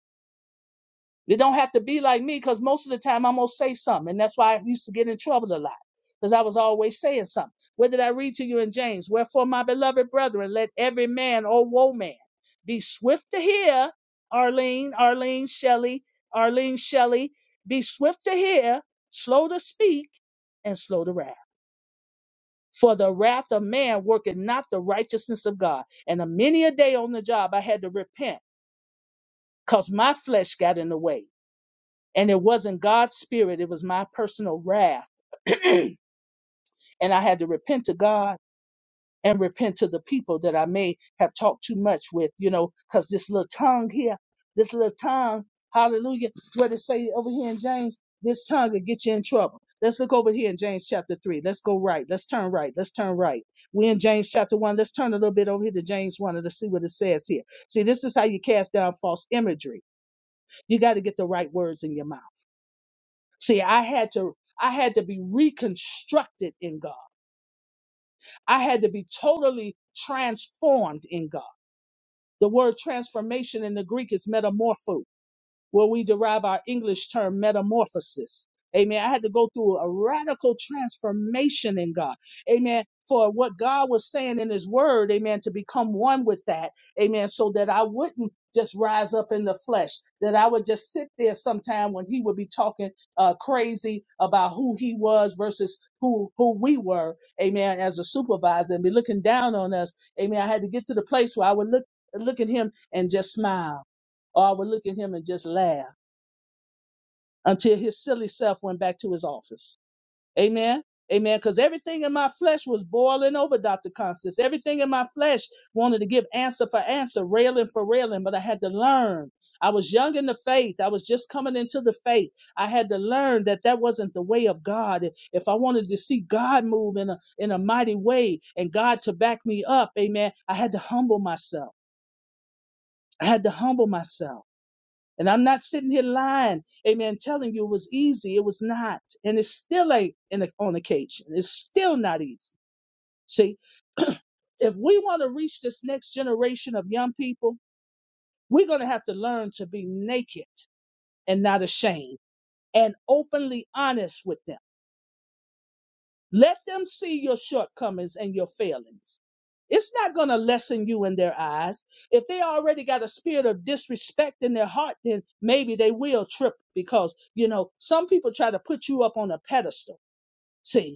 It don't have to be like me because most of the time I'm gonna say something, and that's why I used to get in trouble a lot because I was always saying something. What did I read to you in James? Wherefore, my beloved brethren, let every man or woman be swift to hear. Arlene, Arlene Shelley, Arlene Shelley, be swift to hear, slow to speak, and slow to wrath. For the wrath of man worketh not the righteousness of God. And a many a day on the job I had to repent because my flesh got in the way. And it wasn't God's spirit, it was my personal wrath. <clears throat> and I had to repent to God and repent to the people that I may have talked too much with, you know, because this little tongue here, this little tongue, hallelujah, what it say over here in James, this tongue will get you in trouble. Let's look over here in James chapter 3. Let's go right. Let's turn right. Let's turn right. We're in James chapter 1. Let's turn a little bit over here to James 1 and let's see what it says here. See, this is how you cast down false imagery you got to get the right words in your mouth. See, I had to I had to be reconstructed in God. I had to be totally transformed in God. The word transformation in the Greek is metamorpho. where we derive our English term metamorphosis. Amen. I had to go through a radical transformation in God. Amen. For what God was saying in his word, amen, to become one with that. Amen. So that I wouldn't just rise up in the flesh, that I would just sit there sometime when he would be talking uh, crazy about who he was versus who, who we were. Amen. As a supervisor and be looking down on us. Amen. I had to get to the place where I would look, look at him and just smile or I would look at him and just laugh until his silly self went back to his office. Amen. Amen. Because everything in my flesh was boiling over, Dr. Constance. Everything in my flesh wanted to give answer for answer, railing for railing, but I had to learn. I was young in the faith. I was just coming into the faith. I had to learn that that wasn't the way of God. If if I wanted to see God move in a, in a mighty way and God to back me up, amen, I had to humble myself. I had to humble myself. And I'm not sitting here lying, amen, telling you it was easy. It was not. And it still ain't in the, on occasion. It's still not easy. See, if we want to reach this next generation of young people, we're going to have to learn to be naked and not ashamed and openly honest with them. Let them see your shortcomings and your failings. It's not going to lessen you in their eyes. If they already got a spirit of disrespect in their heart, then maybe they will trip because, you know, some people try to put you up on a pedestal. See,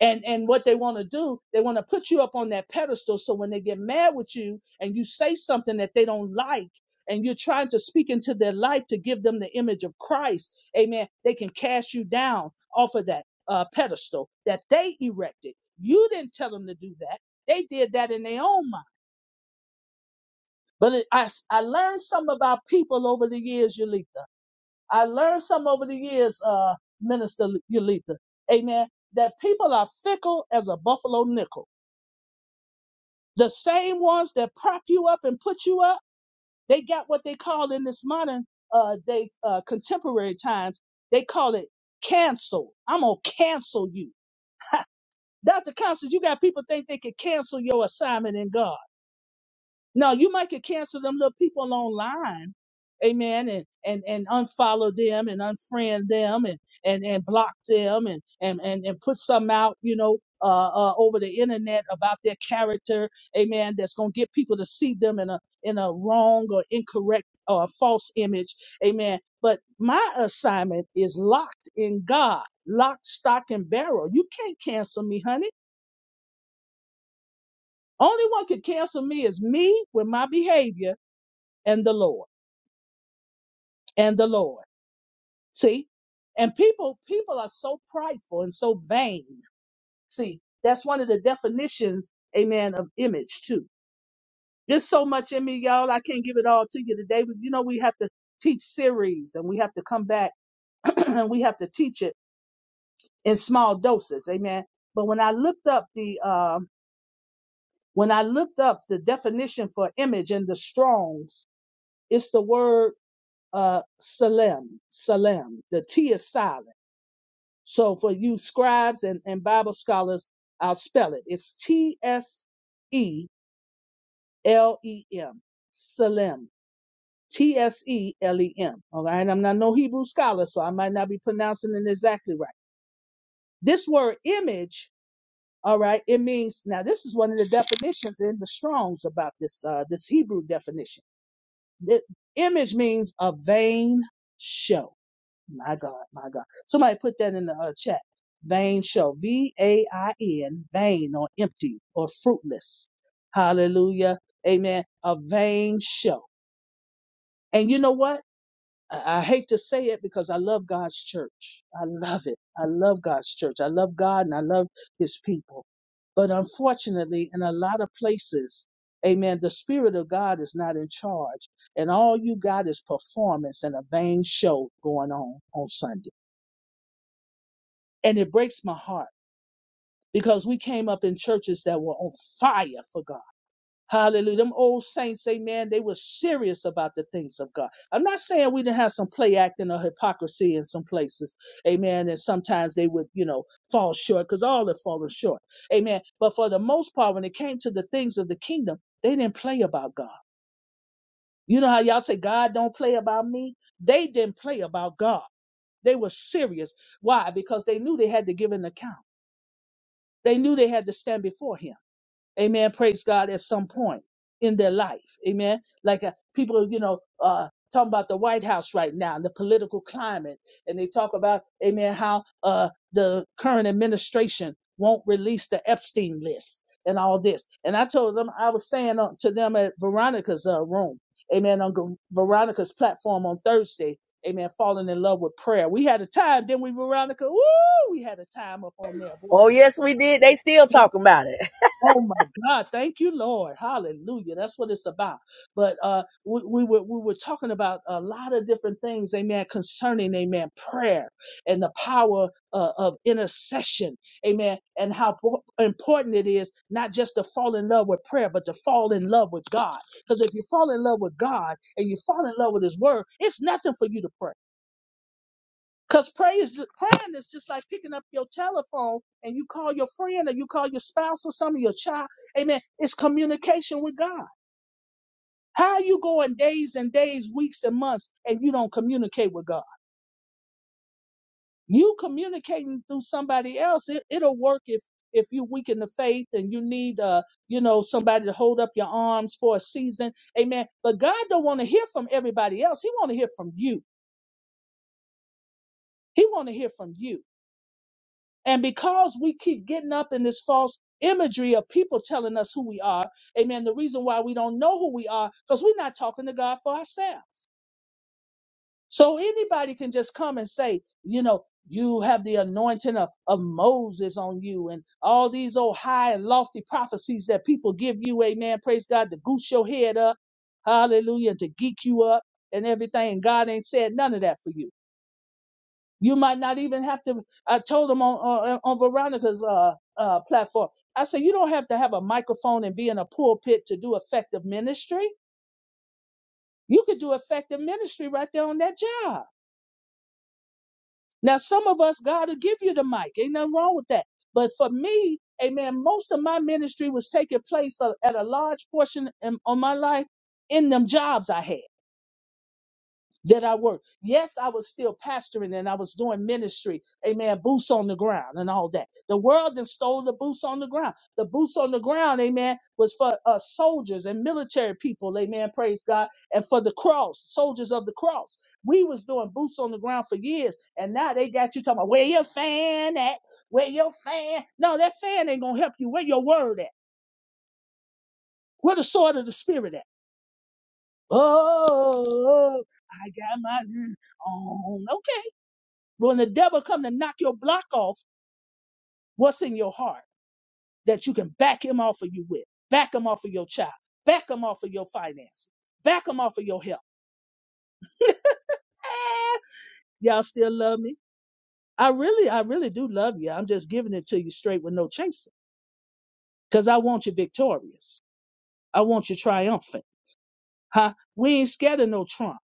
and and what they want to do they want to put you up on that pedestal so when they get mad with you and you say something that they don't like and you're trying to speak into their life to give them the image of christ amen they can cast you down off of that uh, pedestal that they erected you didn't tell them to do that they did that in their own mind but it, I I learned some about people over the years Yulitha. i learned some over the years uh, minister Yulitha. amen that people are fickle as a buffalo nickel The same ones that prop you up and put you up, they got what they call in this modern uh they uh contemporary times, they call it cancel. I'm gonna cancel you. Dr. Constance, you got people think they can cancel your assignment in God. No, you might could cancel them little people online, amen, and and and unfollow them and unfriend them and and and block them and and and, and put some out, you know, uh, uh over the internet about their character, amen. That's gonna get people to see them in a in a wrong or incorrect or false image, amen. But my assignment is locked in God, lock, stock, and barrel. You can't cancel me, honey. Only one can cancel me is me with my behavior and the Lord. and the Lord. See? And people people are so prideful and so vain. See, that's one of the definitions, amen, of image too. There's so much in me, y'all. I can't give it all to you today, but you know we have to teach series and we have to come back <clears throat> and we have to teach it in small doses. Amen. But when I looked up the um when I looked up the definition for image in the Strongs, it's the word uh salem, salem. The T is silent So for you scribes and, and Bible scholars, I'll spell it. It's T S E L E M. Salem. T S E L E M. All right. I'm not no Hebrew scholar, so I might not be pronouncing it exactly right. This word image, all right, it means now this is one of the definitions in the Strongs about this uh this Hebrew definition. The image means a vain show My God, my God. Somebody put that in the uh, chat. Vain show. V A I N, vain or empty or fruitless. Hallelujah. Amen. A vain show. And you know what? I I hate to say it because I love God's church. I love it. I love God's church. I love God and I love his people. But unfortunately, in a lot of places, amen, the Spirit of God is not in charge. And all you got is performance and a vain show going on on Sunday. And it breaks my heart because we came up in churches that were on fire for God. Hallelujah. Them old saints, amen, they were serious about the things of God. I'm not saying we didn't have some play acting or hypocrisy in some places, amen, and sometimes they would, you know, fall short because all have fallen short, amen. But for the most part, when it came to the things of the kingdom, they didn't play about God. You know how y'all say, God don't play about me? They didn't play about God. They were serious. Why? Because they knew they had to give an account. They knew they had to stand before him. Amen. Praise God at some point in their life. Amen. Like uh, people, you know, uh, talking about the White House right now and the political climate. And they talk about, amen, how uh, the current administration won't release the Epstein list and all this. And I told them, I was saying uh, to them at Veronica's uh, room, amen, on G- Veronica's platform on Thursday, amen, falling in love with prayer. We had a time, didn't we, Veronica? Woo! We had a time up on there, boy.
Oh, yes, we did. They still talking about it.
Oh my God! Thank you, Lord. Hallelujah. That's what it's about. But uh, we, we were we were talking about a lot of different things, Amen. Concerning, Amen, prayer and the power uh, of intercession, Amen, and how po- important it is not just to fall in love with prayer, but to fall in love with God. Because if you fall in love with God and you fall in love with His Word, it's nothing for you to pray. Because prayer is ju- praying is just like picking up your telephone and you call your friend or you call your spouse or some of your child. Amen. It's communication with God. How you going days and days, weeks and months, and you don't communicate with God? You communicating through somebody else, it, it'll work if if you weaken the faith and you need uh you know somebody to hold up your arms for a season. Amen. But God don't want to hear from everybody else. He want to hear from you. He want to hear from you. And because we keep getting up in this false imagery of people telling us who we are, amen, the reason why we don't know who we are, because we're not talking to God for ourselves. So anybody can just come and say, you know, you have the anointing of, of Moses on you and all these old high and lofty prophecies that people give you, amen, praise God, to goose your head up, hallelujah, to geek you up and everything. God ain't said none of that for you. You might not even have to. I told them on on, on Veronica's uh, uh, platform. I said you don't have to have a microphone and be in a pulpit to do effective ministry. You could do effective ministry right there on that job. Now, some of us, God will give you the mic. Ain't nothing wrong with that. But for me, Amen. Most of my ministry was taking place a- at a large portion in, on my life in them jobs I had. Did I work? Yes, I was still pastoring and I was doing ministry. Amen. Boots on the ground and all that. The world then stole the boots on the ground. The boots on the ground, amen, was for uh, soldiers and military people. Amen. Praise God. And for the cross, soldiers of the cross. We was doing boots on the ground for years. And now they got you talking about where your fan at? Where your fan? No, that fan ain't going to help you. Where your word at? Where the sword of the spirit at? Oh, I got my mm, on. Okay When the devil come to knock your block off, what's in your heart that you can back him off of you with? Back him off of your child. Back him off of your finances. Back him off of your health. Eh, y'all still love me? I really, I really do love you. I'm just giving it to you straight with no chasing. Cause I want you victorious. I want you triumphant. Huh? We ain't scared of no Trump.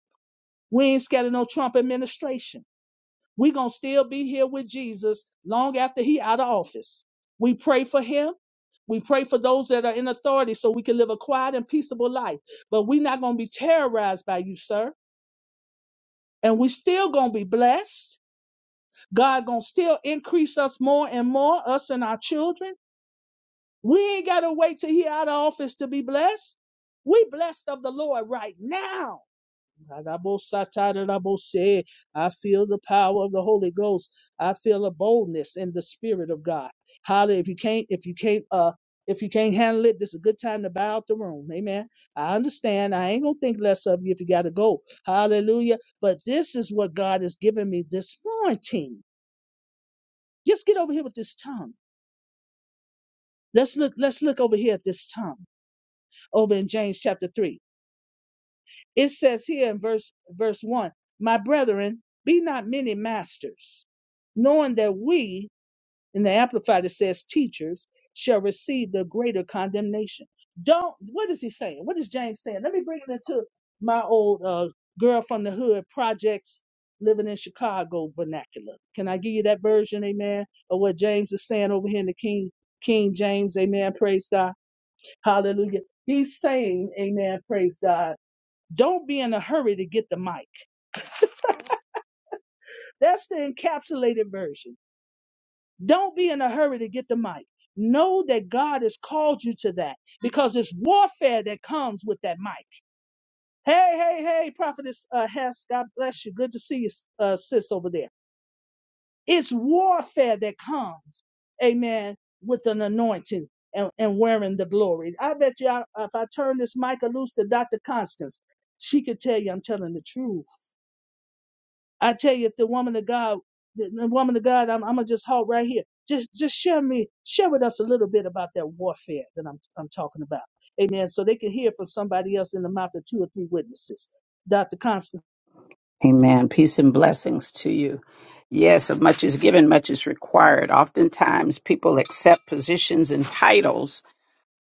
We ain't scared of no Trump administration. we gonna still be here with Jesus long after he out of office. We pray for him. We pray for those that are in authority so we can live a quiet and peaceable life. But we not gonna be terrorized by you, sir. And we still gonna be blessed. God gonna still increase us more and more, us and our children. We ain't gotta wait till he out of office to be blessed. We blessed of the Lord right now Adabosatadarabose. I feel the power of the Holy Ghost. I feel a boldness in the Spirit of God. Hallelujah! if you can't, if you can't, uh, if you can't handle it, this is a good time to bow out the room. Amen. I understand. I ain't gonna think less of you if you gotta go. Hallelujah. But this is what God has given me this morning. Just get over here with this tongue. Let's look, let's look over here at this tongue over in James chapter 3. It says here in verse verse 1, "My brethren, be not many masters, knowing that we, in the amplified it says teachers, shall receive the greater condemnation." Don't what is he saying? What is James saying? Let me bring it into my old uh, girl from the hood projects living in Chicago vernacular. Can I give you that version, amen, of what James is saying over here in the King King James, amen, praise God. Hallelujah. He's saying, amen, praise God don't be in a hurry to get the mic. That's the encapsulated version. Don't be in a hurry to get the mic. Know that God has called you to that because it's warfare that comes with that mic. Hey, hey, hey, Prophetess uh, Hess, God bless you. Good to see you, uh, sis, over there. It's warfare that comes, amen, with an anointing and, and wearing the glory. I bet you I, if I turn this mic loose to Dr. Constance, she could tell you I'm telling the truth. I tell you, if the woman of God, the, the woman of God, I'm, I'm gonna just halt right here. Just, just share me, share with us a little bit about that warfare that I'm, I'm talking about. Amen. So they can hear from somebody else in the mouth of two or three witnesses. Dr.
Amen. Peace and blessings to you. Yes, much is given, much is required. Oftentimes, people accept positions and titles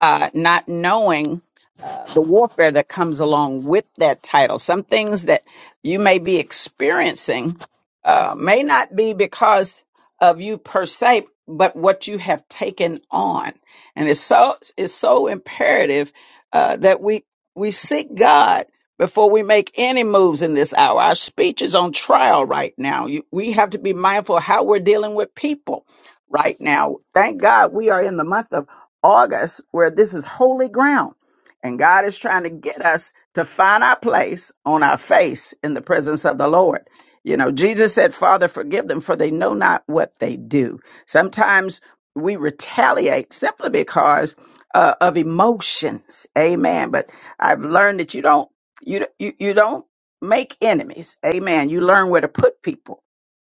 uh, not knowing uh, the warfare that comes along with that title. Some things that you may be experiencing uh, may not be because of you per se, but what you have taken on. And it's so it's so imperative uh, that we we seek God before we make any moves in this hour. Our speech is on trial right now. You, we have to be mindful of how we're dealing with people right now. Thank God we are in the month of August where this is holy ground. And God is trying to get us to find our place on our face in the presence of the Lord. You know, Jesus said, Father, forgive them, for they know not what they do. Sometimes we retaliate simply because uh, of emotions. Amen. But I've learned that you don't, you, you, you don't make enemies. Amen. You learn where to put people.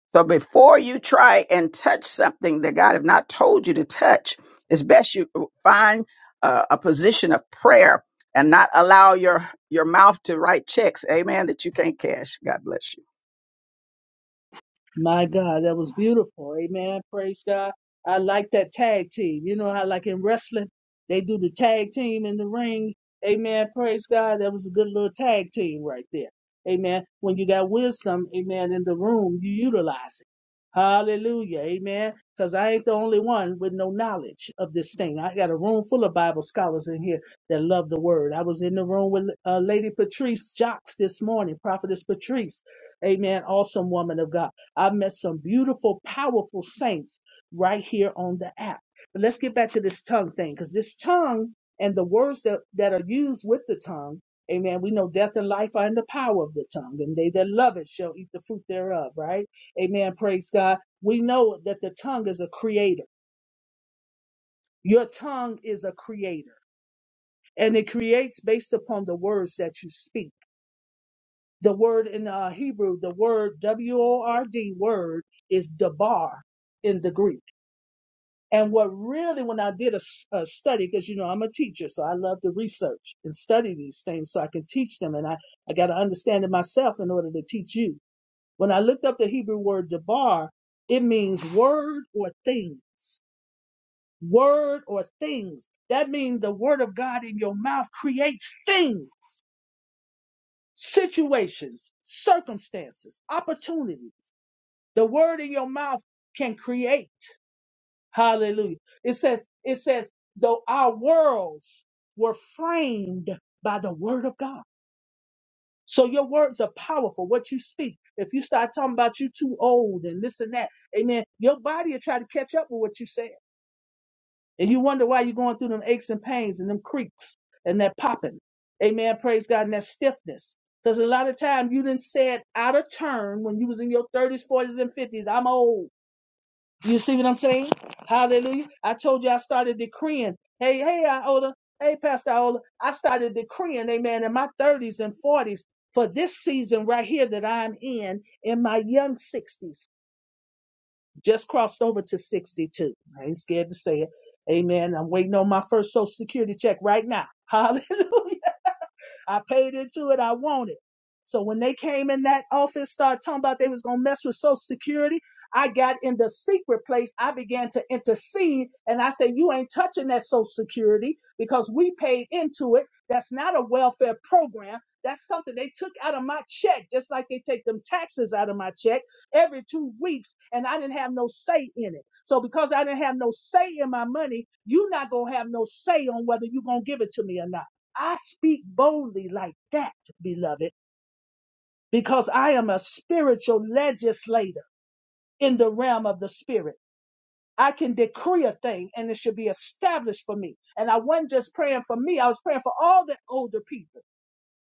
So before you try and touch something that God have not told you to touch, it's best you find uh, a position of prayer and not allow your your mouth to write checks. Amen. That you can't cash. God bless you.
My God, that was beautiful. Amen. Praise God. I like that tag team. You know how, like in wrestling, they do the tag team in the ring. Amen. Praise God. That was a good little tag team right there. Amen. When you got wisdom, amen, in the room, you utilize it. Hallelujah. Amen. Because I ain't the only one with no knowledge of this thing. I got a room full of Bible scholars in here that love the word. I was in the room with uh, Lady Patrice Jocks this morning, Prophetess Patrice. Amen. Awesome woman of God. I met some beautiful, powerful saints right here on the app. But let's get back to this tongue thing, because this tongue and the words that, that are used with the tongue, amen. We know death and life are in the power of the tongue, and they that love it shall eat the fruit thereof, right? Amen. Praise God. We know that the tongue is a creator. Your tongue is a creator, and it creates based upon the words that you speak. The word in uh, Hebrew, the word W O R D word is dabar in the Greek. And what really, when I did a, s- a study, because you know I'm a teacher, so I love to research and study these things so I can teach them, and I I got to understand it myself in order to teach you. When I looked up the Hebrew word dabar, it means word or things. Word or things. That means the word of God in your mouth creates things, situations, circumstances, opportunities. The word in your mouth can create. Hallelujah. It says, it says, though our worlds were framed by the word of God. So your words are powerful. What you speak. If you start talking about you too old and this and that, amen. Your body will try to catch up with what you said. And you wonder why you're going through them aches and pains and them creaks and that popping. Amen. Praise God. And that stiffness. Because a lot of time you didn't say it out of turn when you was in your 30s, 40s, and 50s. I'm old. You see what I'm saying? Hallelujah. I told you I started decreeing. Hey, hey, Iola. Hey, Pastor Iola. I started decreeing, amen, in my 30s and 40s for this season right here that I'm in, in my young 60s. Just crossed over to 62. I ain't scared to say it. Amen. I'm waiting on my first Social Security check right now. <laughs> Hallelujah. I paid into it. I want it. So when they came in that office, started talking about they was gonna mess with Social Security, I got in the secret place. I began to intercede, and I said, "You ain't touching that Social Security because we paid into it. That's not a welfare program. That's something they took out of my check, just like they take them taxes out of my check every two weeks, and I didn't have no say in it. So because I didn't have no say in my money, you're not gonna have no say on whether you're gonna give it to me or not." I speak boldly like that, beloved, because I am a spiritual legislator in the realm of the spirit. I can decree a thing and it should be established for me. And I wasn't just praying for me, I was praying for all the older people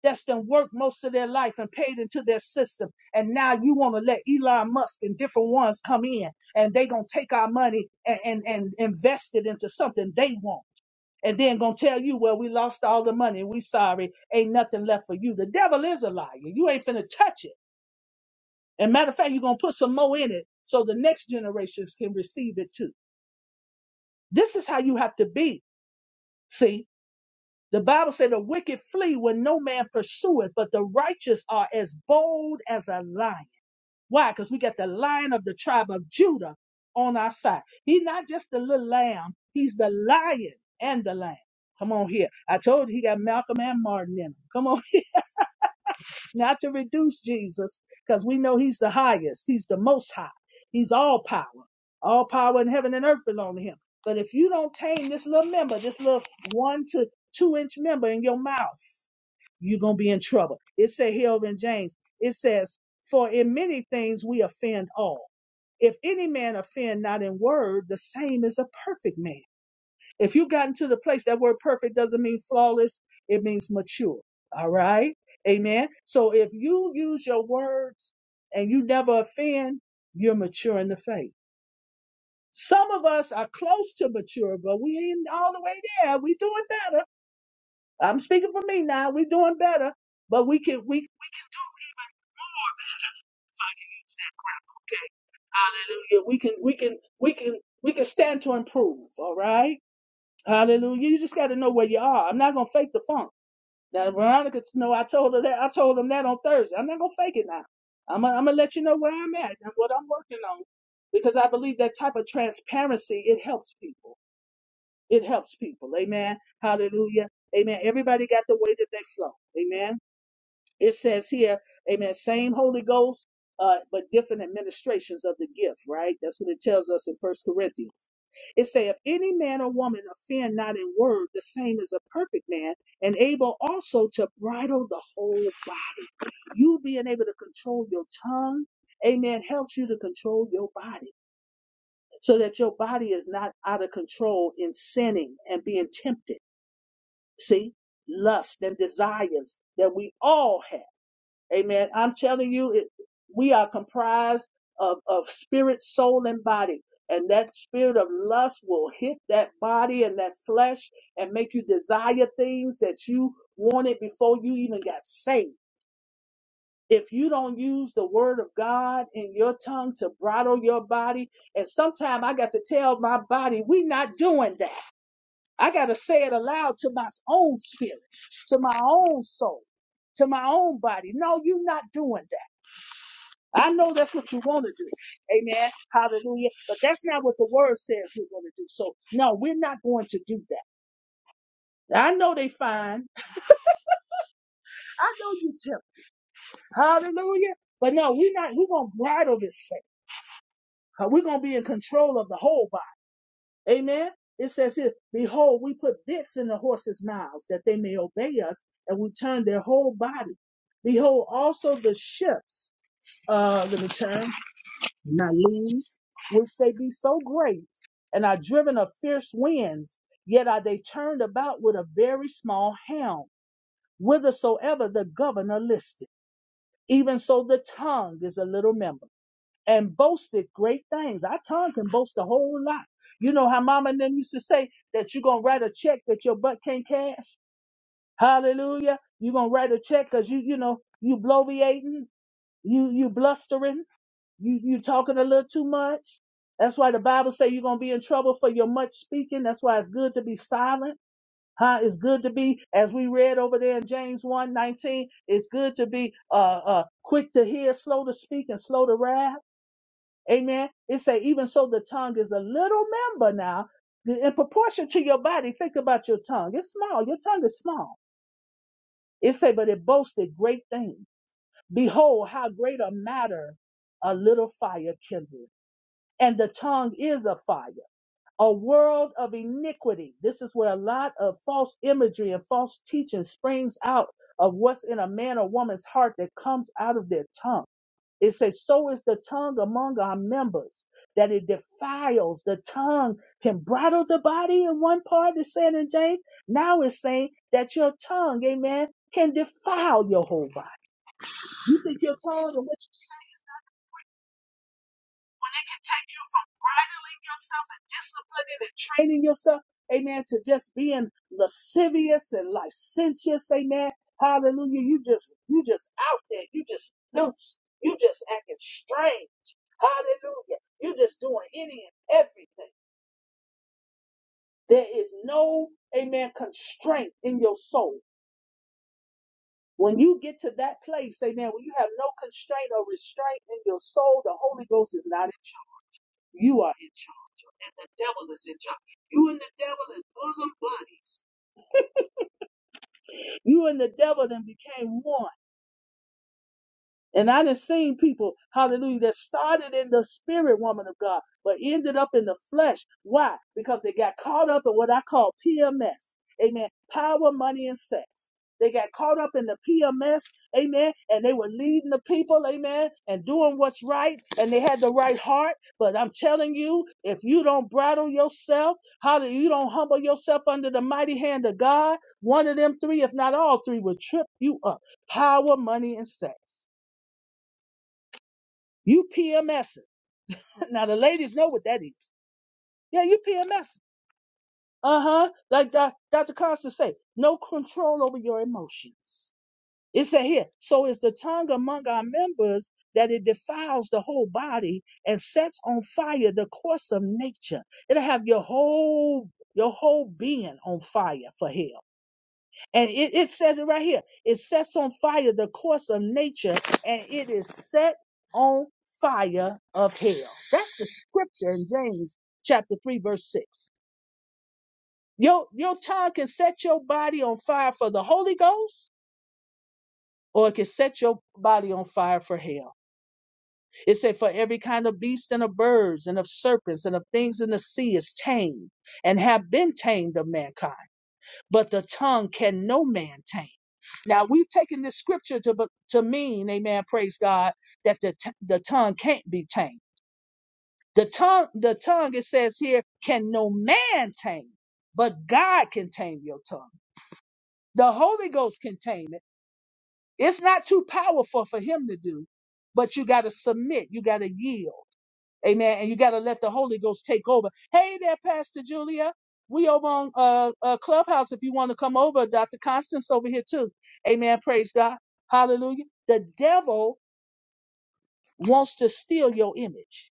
that's done worked most of their life and paid into their system. And now you want to let Elon Musk and different ones come in and they gonna take our money and, and, and invest it into something they want and then gonna tell you, well, we lost all the money, we sorry, ain't nothing left for you. The devil is a liar. You ain't finna touch it. And matter of fact, you're gonna put some more in it so the next generations can receive it too. This is how you have to be. See, the Bible said the wicked flee when no man pursueth, but the righteous are as bold as a lion. Why? Because we got the lion of the tribe of Judah on our side. He's not just the little lamb, he's the lion and the lamb. Come on here. I told you he got Malcolm and Martin in him. Come on, <laughs> not to reduce Jesus, because we know he's the highest, he's the most high, he's all power. All power in heaven and earth belong to him. But if you don't tame this little member, this little one to two inch member in your mouth, you're gonna be in trouble. It said here over in James, it says, For in many things we offend all. If any man offend not in word, the same is a perfect man. If you have gotten to the place, that word perfect doesn't mean flawless, it means mature. All right? Amen. So if you use your words and you never offend, you're mature in the faith. Some of us are close to mature, but we ain't all the way there. We doing better. I'm speaking for me now. We doing better, but we can we Okay, Hallelujah. We can we can we can we can stand to improve. All right. Hallelujah. You just got to know where you are. I'm not gonna fake the funk. Now Veronica, no, I told her that. I told them that on Thursday. I'm not gonna fake it now. I'm gonna, I'm gonna let you know where I'm at and what I'm working on, because I believe that type of transparency it helps people. It helps people. Amen. Hallelujah. Amen. Everybody got the way that they flow. Amen. It says here, amen, same Holy Ghost, uh, but different administrations of the gift, right? That's what it tells us in First Corinthians. It say, if any man or woman offend not in word, the same is a perfect man, and able also to bridle the whole body. You being able to control your tongue, amen, helps you to control your body so that your body is not out of control in sinning and being tempted. See, lust and desires that we all have. Amen. I'm telling you, it, we are comprised of, of spirit, soul, and body. And that spirit of lust will hit that body and that flesh and make you desire things that you wanted before you even got saved. If you don't use the word of God in your tongue to bridle your body, and sometimes I got to tell my body, we're not doing that. I got to say it aloud to my own spirit, to my own soul, to my own body. No, you're not doing that. I know that's what you want to do. Amen. Hallelujah. But that's not what the word says we're going to do. So, no, we're not going to do that. I know they fine. I know you tell. Hallelujah. But no, we're not, we're going to bridle this thing. Uh, We're going to be in control of the whole body. Amen. It says here, behold, we put bits in the horses' mouths that they may obey us, and we turn their whole body. Behold, also the ships. Uh, let me turn. my leaves, which they be so great, and are driven of fierce winds, yet are they turned about with a very small helm, whithersoever the governor listeth. Even so, the tongue is a little member and boasteth great things. Our tongue can boast a whole lot. You know how mama and them used to say that you're going to write a check that your butt can't cash? Hallelujah. You're going to write a check because you, you know, you bloviating, you, you blustering you you talking a little too much. That's why the Bible say you're gonna be in trouble for your much speaking. That's why it's good to be silent. Huh? It's good to be, as we read over there in James one nineteen. it's good to be uh uh quick to hear, slow to speak, and slow to wrath. Amen. It say, even so the tongue is a little member now. the- In proportion to your body, think about your tongue. It's small, your tongue is small. It say, but it boasted great things. Behold, how great a matter a little fire kindled and the tongue is a fire, a world of iniquity. This is where a lot of false imagery and false teaching springs out of what's in a man or woman's heart that comes out of their tongue. It says, So is the tongue among our members that it defiles. The tongue can bridle the body in one part, it's saying in James. Now it's saying that your tongue, amen, can defile your whole body. You think your tongue and what you say bridling yourself and disciplining and training yourself, amen, to just being lascivious and licentious, amen. Hallelujah. You just you just out there, you just loose, you just acting strange. Hallelujah. You just doing any and everything. There is no, amen, constraint in your soul. When you get to that place, amen, when you have no constraint or restraint in your soul, the Holy Ghost is not in You are in charge, and the devil is in charge. You and the devil is bosom buddies. You and the devil then became one. And I done seen people, hallelujah, that started in the spirit woman of God, but ended up in the flesh. Why? Because they got caught up in what I call PMS. Amen. Power, money, and sex. They got caught up in the PMS, amen, and they were leading the people, amen, and doing what's right, and they had the right heart. But I'm telling you, if you don't bridle yourself, hallelujah, you don't humble yourself under the mighty hand of God, one of them three, if not all three, will trip you up. Power, money, and sex. You PMSing. <laughs> Now the ladies know what that is. Yeah, you PMSing. Uh-huh. Like Doc- Dr. Constance say, no control over your emotions. It said here, so is the tongue among our members that it defiles the whole body and sets on fire the course of nature. It'll have your whole your whole being on fire for hell. And it, it says it right here. It sets on fire the course of nature, and it is set on fire of hell. That's the scripture in James chapter 3, verse 6. Your, your tongue can set your body on fire for the Holy Ghost, or it can set your body on fire for hell. It said, For every kind of beast and of birds and of serpents and of things in the sea is tamed and have been tamed of mankind. but the tongue can no man tame. Now we've taken this scripture to be- to mean, Amen. Praise God that the t- the tongue can't be tamed. The tongue, the tongue, it says here, can no man tame, but God can tame your tongue. The Holy Ghost can tame it. It's not too powerful for Him to do, but you got to submit. You got to yield. Amen. And you got to let the Holy Ghost take over. Hey there, Pastor Julia. We over on uh, uh Clubhouse if you want to come over. Dr. Constance over here too. Amen. Praise God. Hallelujah. The devil wants to steal your image.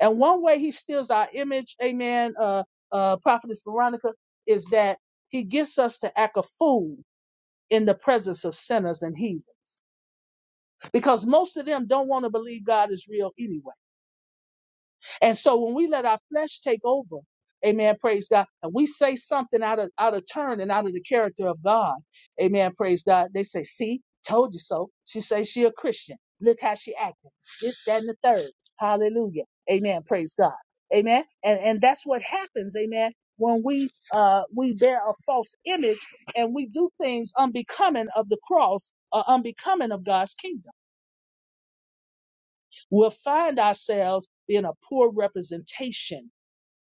And one way he steals our image, amen, uh, uh, Prophetess Veronica, is that he gets us to act a fool in the presence of sinners and heathens. Because most of them don't want to believe God is real anyway. And so when we let our flesh take over, amen, praise God, and we say something out of out of turn and out of the character of God, amen, praise God, they say, see, told you so. She says she a Christian. Look how she acting. This, that, and the third. Hallelujah. Amen. Praise God. Amen. And and that's what happens, amen, when we uh we bear a false image and we do things unbecoming of the cross or unbecoming of God's kingdom. We'll find ourselves being a poor representation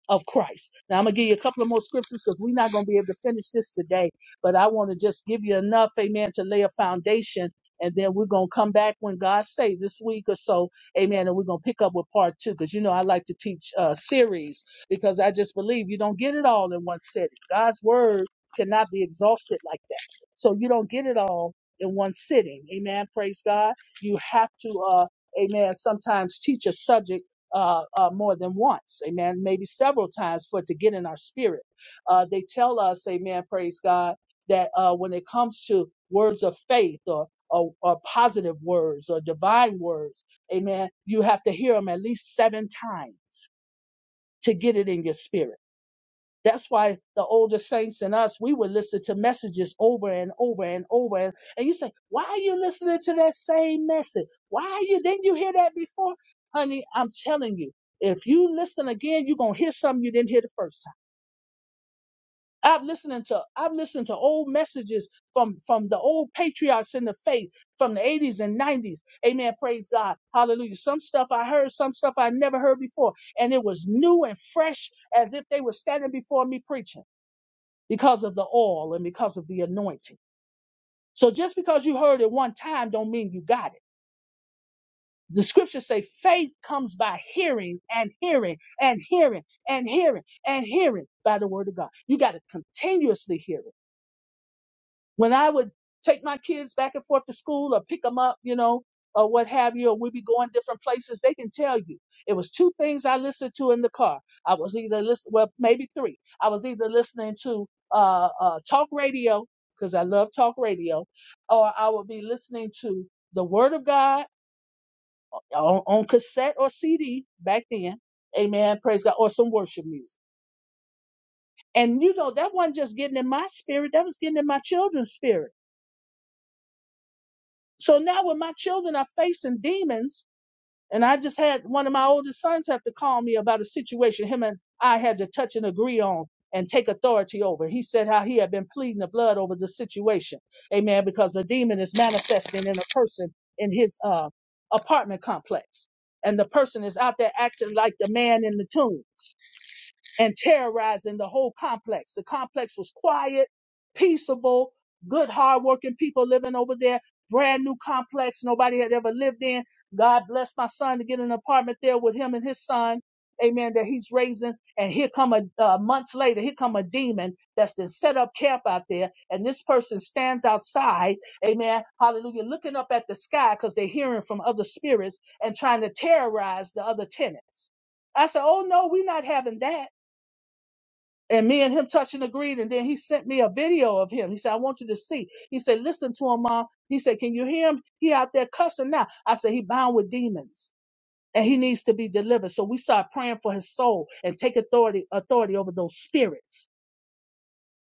of Christ. Now I'm gonna give you a couple of more scriptures because we're not gonna be able to finish this today, but I want to just give you enough, amen, to lay a foundation. And then we're gonna come back when God say this week or so, amen. And we're gonna pick up with part two because you know I like to teach uh, series because I just believe you don't get it all in one sitting. God's word cannot be exhausted like that, so you don't get it all in one sitting. Amen. Praise God. You have to, uh, amen. Sometimes teach a subject uh, uh, more than once, amen, maybe several times for it to get in our spirit. Uh, they tell us, amen, praise God, that uh, when it comes to words of faith or, or, or positive words or divine words, amen, you have to hear them at least seven times to get it in your spirit. That's why the older saints and us, we would listen to messages over and over and over. And, and you say, why are you listening to that same message? Why are you, didn't you hear that before? Honey, I'm telling you, if you listen again, you're going to hear something you didn't hear the first time. I've listening to, I've listened to old messages from, from the old patriarchs in the faith from the 80s and 90s. Amen. Praise God. Hallelujah. Some stuff I heard, some stuff I never heard before. And it was new and fresh as if they were standing before me preaching because of the oil and because of the anointing. So just because you heard it one time don't mean you got it. The scriptures say faith comes by hearing and hearing and hearing and hearing and hearing by the word of God. You got to continuously hear it. when I would take my kids back and forth to school or pick them up, you know, or what have you, or we'd be going different places, they can tell you. It was two things I listened to in the car. I was either listening, well, maybe three. I was either listening to uh, uh, talk radio, because I love talk radio, or I would be listening to the Word of God on, on cassette or CD back then. Amen. Praise God. Or some worship music. And, you know, that wasn't just getting in my spirit, that was getting in my children's spirit So now when my children are facing demons, and I just had one of my oldest sons have to call me about a situation him and I had to touch and agree on and take authority over. He said how he had been pleading the blood over the situation. Amen. Because a demon is manifesting in a person in his uh, apartment complex. And the person is out there acting like the man in the tombs and terrorizing the whole complex. The complex was quiet, peaceable, good, hardworking people living over there. Brand new complex nobody had ever lived in. God blessed my son to get an apartment there with him and his son. Amen. That he's raising, and here come a uh, months later, here come a demon that's been set up camp out there, and this person stands outside, amen, hallelujah, looking up at the sky because they're hearing from other spirits and trying to terrorize the other tenants. I said, "Oh no, we're not having that." and me and him touched and agreed. And then he sent me a video of him. He said, I want you to see. He said, listen to him, mom. He said, can you hear him? He out there cussing now. I said, he bound with demons and he needs to be delivered. So we start praying for his soul and take authority, authority over those spirits.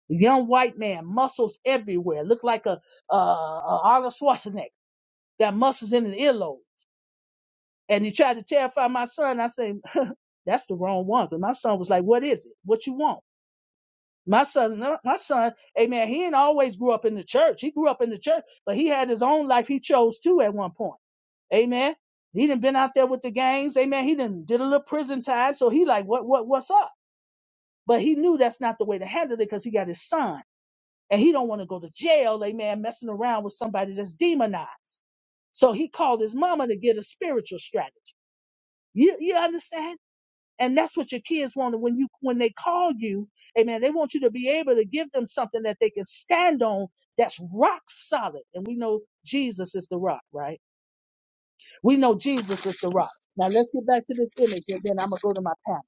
Young white man, muscles everywhere. Look like a, uh, a Arnold Schwarzenegger. Got muscles in the earlobe. And he tried to terrify my son. I said, that's the wrong one. But my son was like, what is it? What you want? My son, no, my son, amen. He didn't always grow up in the church. He grew up in the church, but he had his own life he chose to at one point. Amen. He done been out there with the gangs. Amen. He done did a little prison time. So he like, what, what, what's up? But he knew that's not the way to handle it because he got his son and he don't want to go to jail. Amen. Messing around with somebody that's demonized. So he called his mama to get a spiritual strategy. You, you understand? And that's what your kids want when you when they call you, amen. They want you to be able to give them something that they can stand on that's rock solid. And we know Jesus is the rock, right? We know Jesus is the rock. Now let's get back to this image and then I'm gonna go to my pastor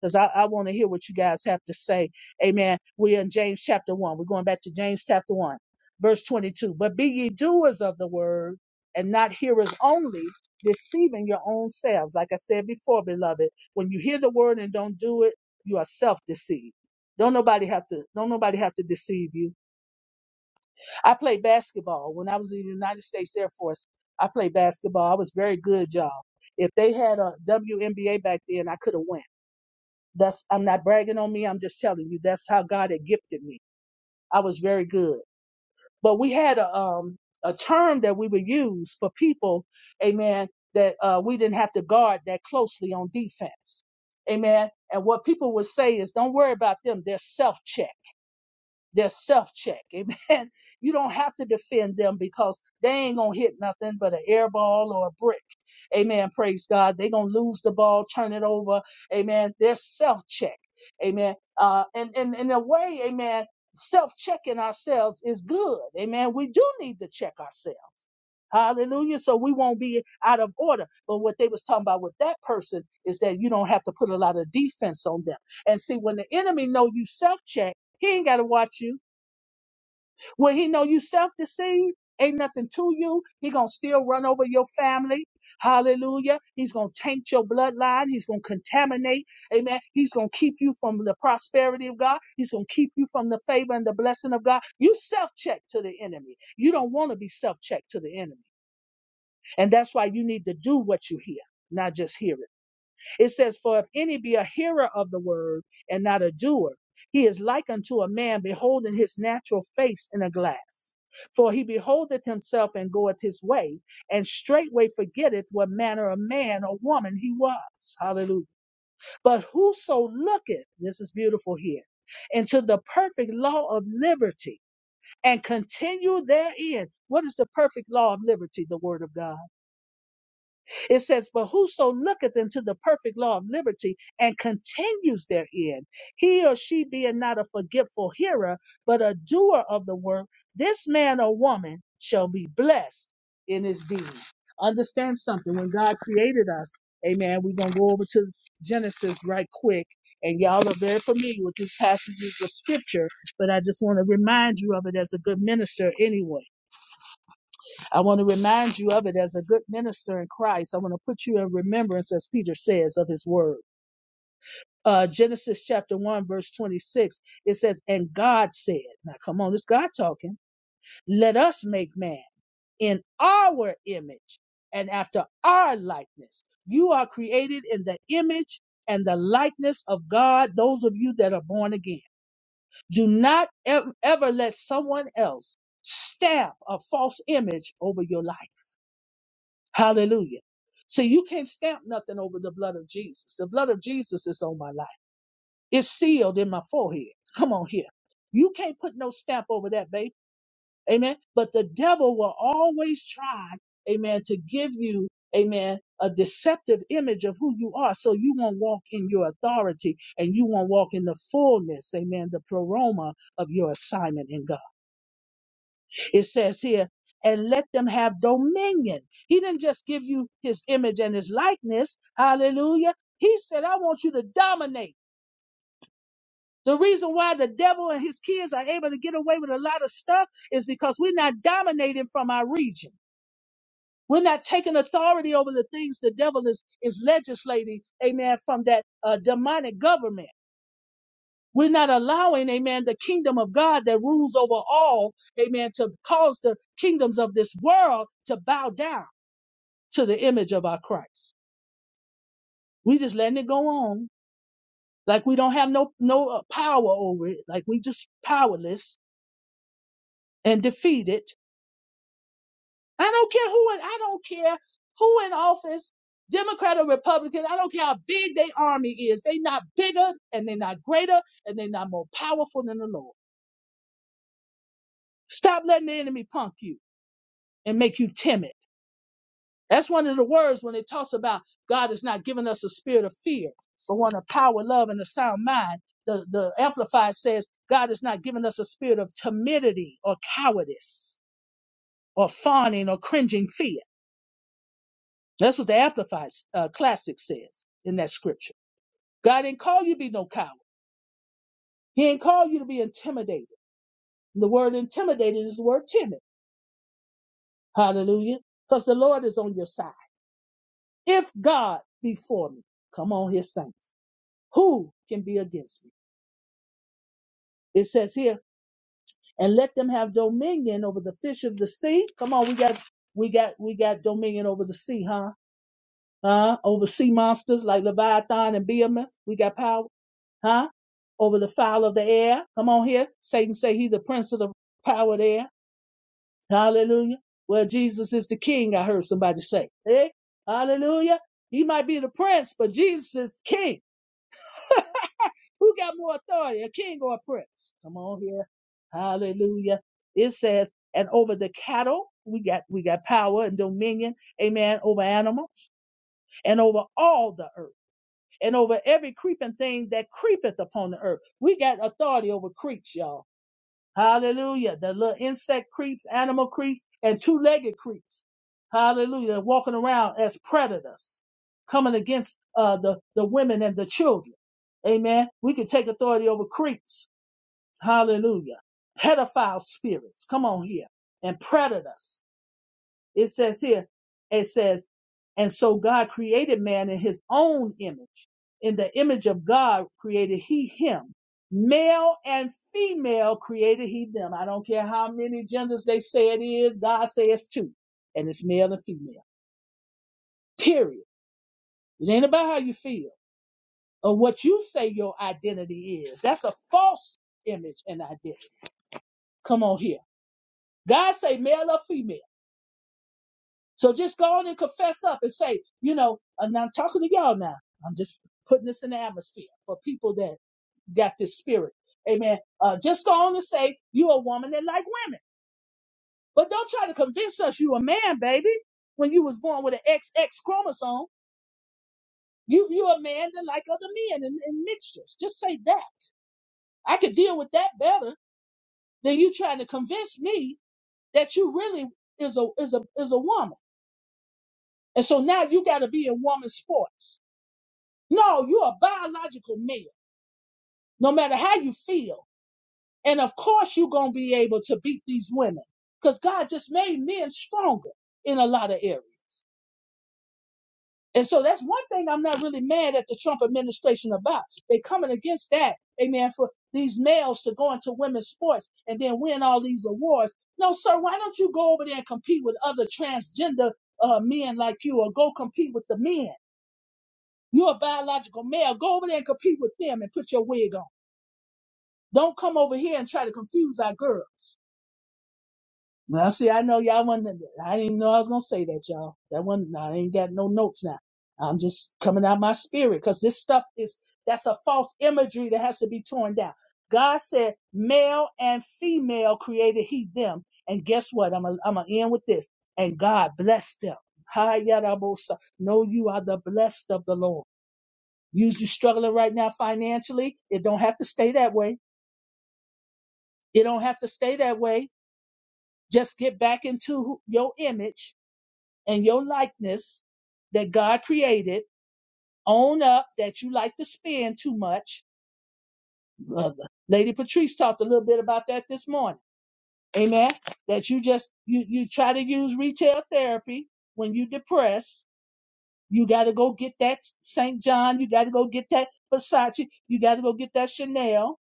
because I, I want to hear what you guys have to say. Amen. We're in James chapter 1. We're going back to James chapter 1, verse 22. But be ye doers of the word and not hearers only, deceiving your own selves. Like I said before, beloved, when you hear the word and don't do it, you are self deceived. Don't nobody have to don't nobody have to deceive you. I played basketball when I was in the United States Air Force. I played basketball. I was very good, y'all. If they had a WNBA back then, I could have went. That's I'm not bragging on me. I'm just telling you that's how God had gifted me. I was very good. But we had a um a term that we would use for people, amen, that uh we didn't have to guard that closely on defense. Amen. And what people would say is don't worry about them, they're self-check their self check. Amen. <laughs> You don't have to defend them because they ain't gonna hit nothing but an air ball or a brick. Amen. Praise God. They gonna lose the ball, turn it over. Amen. Their self check. Amen. Uh, and and in a way, amen. Self checking ourselves is good. Amen. We do need to check ourselves. Hallelujah. So we won't be out of order. But what they was talking about with that person is that you don't have to put a lot of defense on them. And see, when the enemy know you self check. He ain't gotta watch you. When he know you self-deceived, ain't nothing to you. He gonna still run over your family. Hallelujah. He's gonna taint your bloodline. He's gonna contaminate. Amen. He's gonna keep you from the prosperity of God. He's gonna keep you from the favor and the blessing of God. You self-check to the enemy. You don't want to be self-checked to the enemy. And that's why you need to do what you hear, not just hear it. It says, For if any be a hearer of the word and not a doer, he is like unto a man beholding his natural face in a glass. For he beholdeth himself and goeth his way, and straightway forgetteth what manner of man or woman he was. Hallelujah. But whoso looketh, this is beautiful here, into the perfect law of liberty and continue therein. What is the perfect law of liberty? The word of God it says, But whoso looketh into the perfect law of liberty and continues therein, he or she being not a forgetful hearer, but a doer of the work, this man or woman shall be blessed in his deed. Understand something. When God created us, amen, we're going to go over to Genesis right quick. And y'all are very familiar with these passages of scripture, but I just want to remind you of it as a good minister anyway. I want to remind you of it as a good minister in Christ. I want to put you in remembrance, as Peter says, of his word. Uh, Genesis chapter 1, verse 26, it says, And God said, Now come on, it's God talking. Let us make man in our image and after our likeness. You are created in the image and the likeness of God, those of you that are born again. Do not ev- ever let someone else stamp a false image over your life Hallelujah. See, you can't stamp nothing over the blood of Jesus. The blood of Jesus is on my life. It's sealed in my forehead. Come on here. You can't put no stamp over that, babe. Amen. But the devil will always try, amen, to give you, amen, a deceptive image of who you are. So you won't walk in your authority and you won't walk in the fullness, amen, the proroma of your assignment in God it says here, and let them have dominion. He didn't just give you his image and his likeness. Hallelujah. He said, I want you to dominate. The reason why the devil and his kids are able to get away with a lot of stuff is because we're not dominating from our region. We're not taking authority over the things the devil is, is legislating, amen, from that uh, demonic government. We're not allowing, amen, the kingdom of God that rules over all, amen, to cause the kingdoms of this world to bow down. to the image of our Christ. We just letting it go on like we don't have no no uh, power over it, like we just powerless and defeated. I don't care who in, I don't care who in office, Democrat or Republican. I don't care how big their army is. They not bigger and they're not greater and they're not more powerful than the Lord. Stop letting the enemy punk you and make you timid. That's one of the words when it talks about God has not given us a spirit of fear, but one of power, love, and a sound mind. The, the Amplified says God has not given us a spirit of timidity or cowardice or fawning or cringing fear. That's what the Amplified uh, Classic says in that scripture. God didn't call you to be no coward. He didn't call you to be intimidated. The word intimidated is the word timid. Hallelujah. Because the Lord is on your side. If God be for me, come on, his saints, who can be against me? It says here, and let them have dominion over the fish of the sea. Come on, we got we got we got dominion over the sea, huh? Huh? Over sea monsters like Leviathan and Behemoth. We got power, huh? Over the fowl of the air. Come on here. Satan say he's the prince of the power of the air. Hallelujah. Well, Jesus is the king, I heard somebody say. Eh? Hallelujah. He might be the prince, but Jesus is king. Who got more authority, a king or a prince? Come on here. Hallelujah. It says, and over the cattle, we got we got power and dominion, amen, over animals, and over all the earth, and over every creeping thing that creepeth upon the earth. We got authority over creeps, y'all. Hallelujah. The little insect creeps, animal creeps, and two legged creeps. Hallelujah. They're walking around as predators, coming against uh, the, the women and the children. Amen. We can take authority over creeps. Hallelujah. Pedophile spirits, come on here, and predators. It says here, it says, and so God created man in his own image. In the image of God created he him. Male and female created he them. I don't care how many genders they say it is, God says two. And it's male and female. Period. It ain't about how you feel or what you say your identity is. That's a false image and identity. Come on here. God say male or female. So just go on and confess up and say, you know, and I'm talking to y'all now. I'm just putting this in the atmosphere for people that got this spirit. Amen. Uh, just go on and say you're a woman that like women. But don't try to convince us you a man, baby. When you was born with an XX chromosome, you you a man that like other men and, and mixtures. Just say that. I could deal with that better than you trying to convince me that you really is a is a is a woman. And so now you got to be in woman sports. No, you're a biological male, no matter how you feel. And of course, you're going to be able to beat these women because God just made men stronger in a lot of areas. And so that's one thing I'm not really mad at the Trump administration about. They coming against that, amen, for these males to go into women's sports and then win all these awards. No, sir, why don't you go over there and compete with other transgender uh, men like you or go compete with the men? You're a biological male. Go over there and compete with them and put your wig on. Don't come over here and try to confuse our girls. Now, see, I know y'all wasn't, I didn't even know I was going to say that, y'all. That one, I ain't got no notes now. I'm just coming out my spirit because this stuff is, that's a false imagery that has to be torn down. God said, male and female created he them. And guess what? I'm going I'm to end with this. And God blessed them. Hi, Yadabosa. Know you are the blessed of the Lord. You you struggling right now financially. It don't have to stay that way. It don't have to stay that way Just get back into who- your image and your likeness that God created. Own up that you like to spend too much. Uh, Lady Patrice talked a little bit about that this morning. Amen. That you just you you try to use retail therapy when you depressed. You got to go get that St. John. You got to go get that Versace. You got to go get that Chanel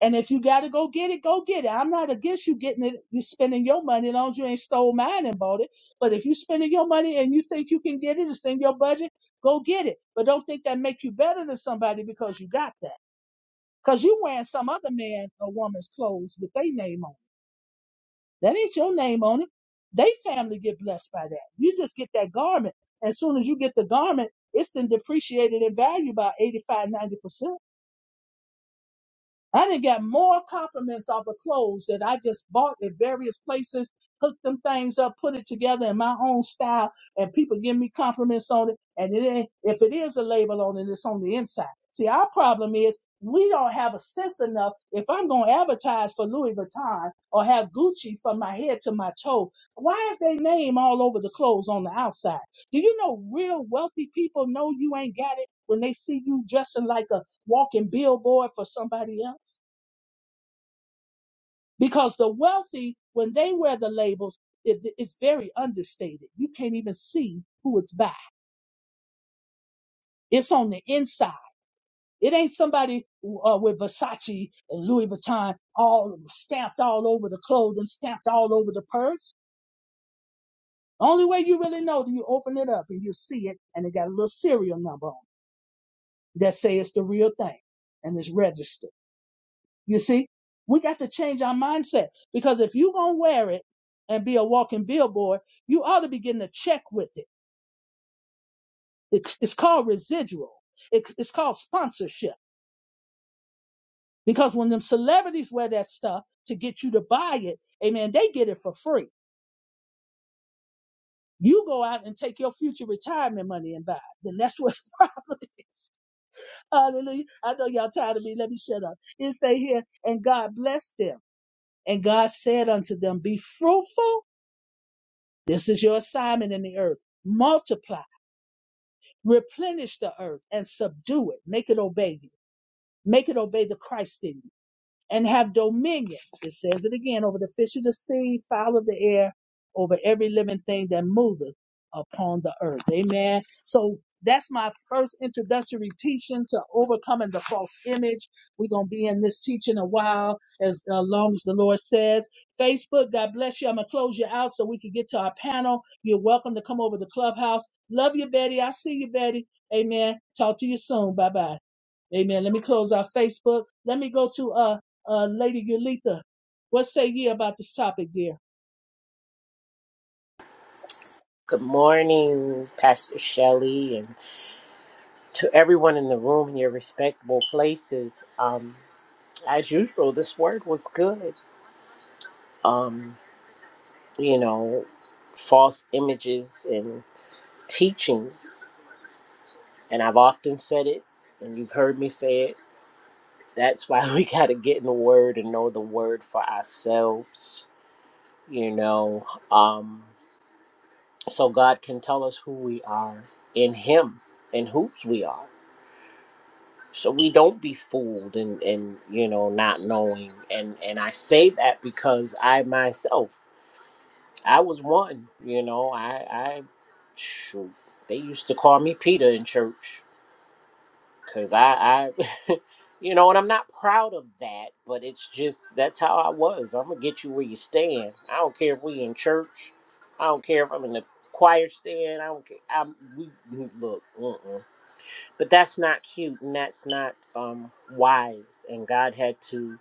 And if you gotta go get it, go get it. I'm not against you getting it. You spending your money, as long as you ain't stole mine and bought it. But if you spending your money and you think you can get it, it's in your budget. Go get it. But don't think that make you better than somebody because you got that. Cause you wearing some other man or woman's clothes with their name on it. That ain't your name on it. They family get blessed by that. You just get that garment. As soon as you get the garment, it's then depreciated in value by eighty five, ninety percent I did got more compliments off of clothes that I just bought at various places, hooked them things up, put it together in my own style, and people give me compliments on it. And it ain't, if it is a label on it, it's on the inside. See, our problem is we don't have a sense enough. If I'm going to advertise for Louis Vuitton or have Gucci from my head to my toe, why is their name all over the clothes on the outside? Do you know real wealthy people know you ain't got it when they see you dressing like a walking billboard for somebody else? Because the wealthy, when they wear the labels, it, it's very understated. You can't even see who it's by. It's on the inside. It ain't somebody uh, with Versace and Louis Vuitton all stamped all over the clothing, stamped all over the purse. Only way you really know, do you open it up and you see it, and it got a little serial number on it that say it's the real thing and it's registered. You see, we got to change our mindset because if you gonna wear it and be a walking billboard, you ought to be getting a check with it. It's, it's called residual. It's, it's called sponsorship because when them celebrities wear that stuff to get you to buy it, amen, they get it for free. You go out and take your future retirement money and buy. It. Then that's what <laughs> the problem is. Hallelujah. I know y'all tired of me. Let me shut up. It say here, and God blessed them. And God said unto them, Be fruitful This is your assignment in the earth. Multiply, replenish the earth, and subdue it. Make it obey you. Make it obey the Christ in you and have dominion. It says it again over the fish of the sea, fowl of the air, over every living thing that moveth upon the earth. Amen. So that's my first introductory teaching to overcoming the false image. We're going to be in this teaching a while, as uh, long as the Lord says. Facebook, God bless you. I'm going to close you out so we can get to our panel. You're welcome to come over to Clubhouse. Love you, Betty. I see you, Betty. Amen. Talk to you soon. Bye bye. Amen. Let me close out Facebook. Let me go to uh, uh, Lady Yulitha. What say ye about this topic, dear?
Good morning, Pastor Shelley, and to everyone in the room in your respectable places. Um, as usual, this word was good. Um, you know, false images and teachings, and I've often said it, and you've heard me say it. That's why <laughs> we got to get in the word and know the word for ourselves, you know, um, so God can tell us who we are in Him and whose we are so we don't be fooled and and you know not knowing and and i say that because i myself i was one you know i i shoot they used to call me peter in church because i i <laughs> you know and i'm not proud of that but it's just that's how i was i'm gonna get you where you stand i don't care if we in church i don't care if i'm in the choir stand i don't care i'm we look mm-mm but that's not cute and that's not um wise and god had to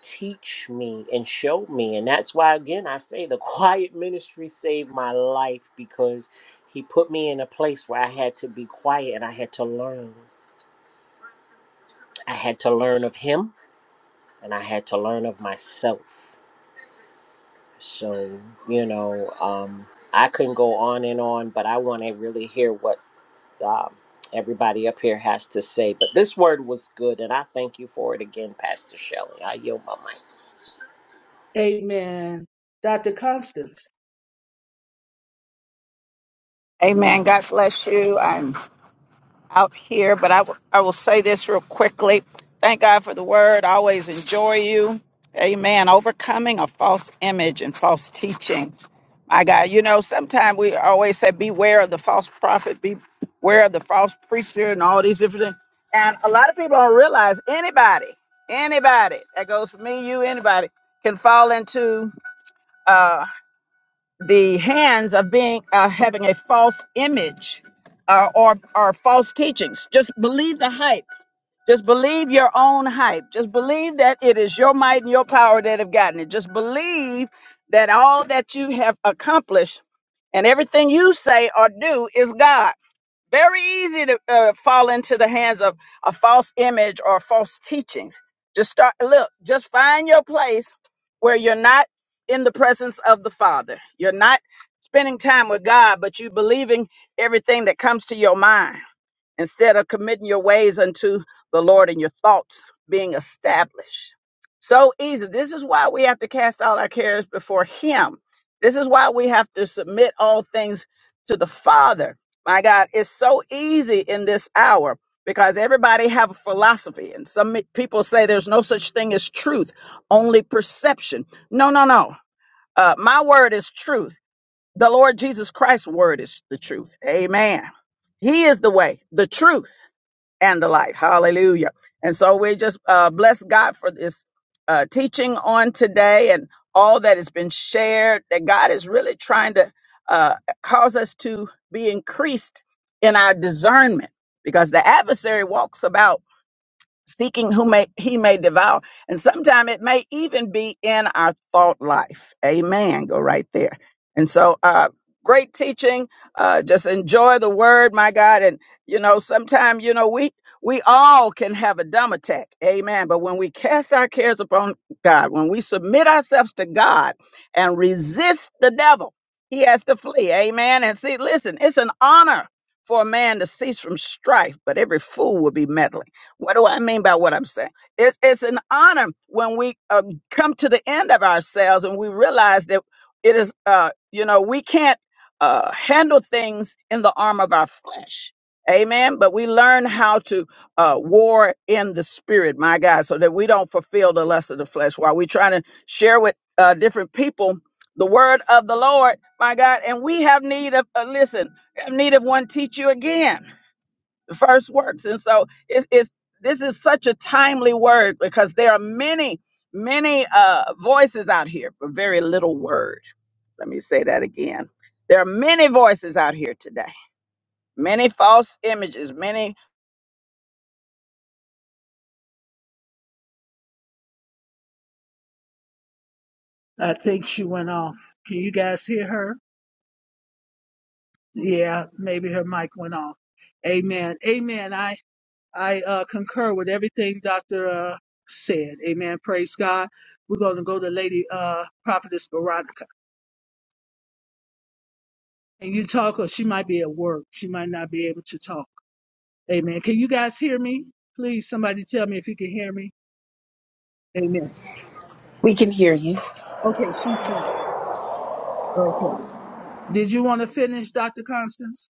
teach me and show me and that's why again i say the <laughs> quiet ministry saved my life because he put me in a place where i had to be quiet and i had to learn i had to learn of him and i had to learn of myself so you know um i couldn't go on and on but i want to really hear what um, everybody up here has to say. But this word was good, and I thank you for it again, Pastor Shelley. I yield my mic.
Amen. Dr. Constance.
Amen. God bless you. I'm out here, but I w- I will say this real quickly. Thank God for the word. I always enjoy you. Amen. Overcoming a false image and false teaching. My God, you know, sometimes we always say, beware of the false prophet, beware of the false preacher, and all these different things. And a lot of people don't realize anybody, anybody, that goes for me, you, anybody, can fall into uh, the hands of being uh, having a false image uh, or or false teachings. Just believe the hype. Just believe your own hype. Just believe that it is your might and your power that have gotten it. Just believe that all that you have accomplished and everything you say or do is God. Very easy to uh, fall into the hands of a false image or false teachings. Just start, look, just find your place where you're not in the presence of the Father. You're not spending time with God, but you believing everything that comes to your mind instead of committing your ways unto the Lord and your thoughts being established. So easy. This is why we have to cast all our cares before Him. This is why we have to submit all things to the Father. My God, it's so easy in this hour because everybody have a philosophy and some people say there's no such thing as truth, only perception. No, no, no. Uh, my word is truth. The Lord Jesus Christ's word is the truth. Amen. He is the way, the truth and the light. Hallelujah. And so we just uh, bless God for this uh, teaching on today and all that has been shared, that God is really trying to uh, cause us to be increased in our discernment because the adversary walks about seeking whom may, he may devour. And sometime it may even be in our thought life. Amen. Go right there. And so, uh, great teaching. Uh, just enjoy the word, my God. And, you know, sometime, you know, we, we all can have a dumb attack. Amen. But when we cast our cares upon God, when we submit ourselves to God and resist the devil, he has to flee. Amen. And see, listen, it's an honor for a man to cease from strife, but every fool will be meddling. What do I mean by what I'm saying? It's, it's an honor when we um, come to the end of ourselves and we realize that it is, uh, you know, we can't uh, handle things in the arm of our flesh. Amen. But we learn how to uh, war in the spirit, my God, so that we don't fulfill the lust of the flesh while we're trying to share with uh, different people the word of the Lord, my God. And we have need of, uh, listen, have need of one teach you again first works. And so it's, it's this is such a timely word because there are many, many uh, voices out here, but very little word. Let me say that again. There are many voices out here today, many false images, many
I think she went off. Can you guys hear her? Yeah, maybe her mic went off. Amen. Amen. I I uh, concur with everything Doctor uh, said. Amen. Praise God. We're going to go to Lady uh, Prophetess Veronica. Can you talk or she might be at work. She might not be able to talk. Amen. Can you guys hear me? Please, somebody tell me if you can hear me. Amen.
We can hear you.
Okay, she's back. Okay. Did you want to finish, Dr. Constance?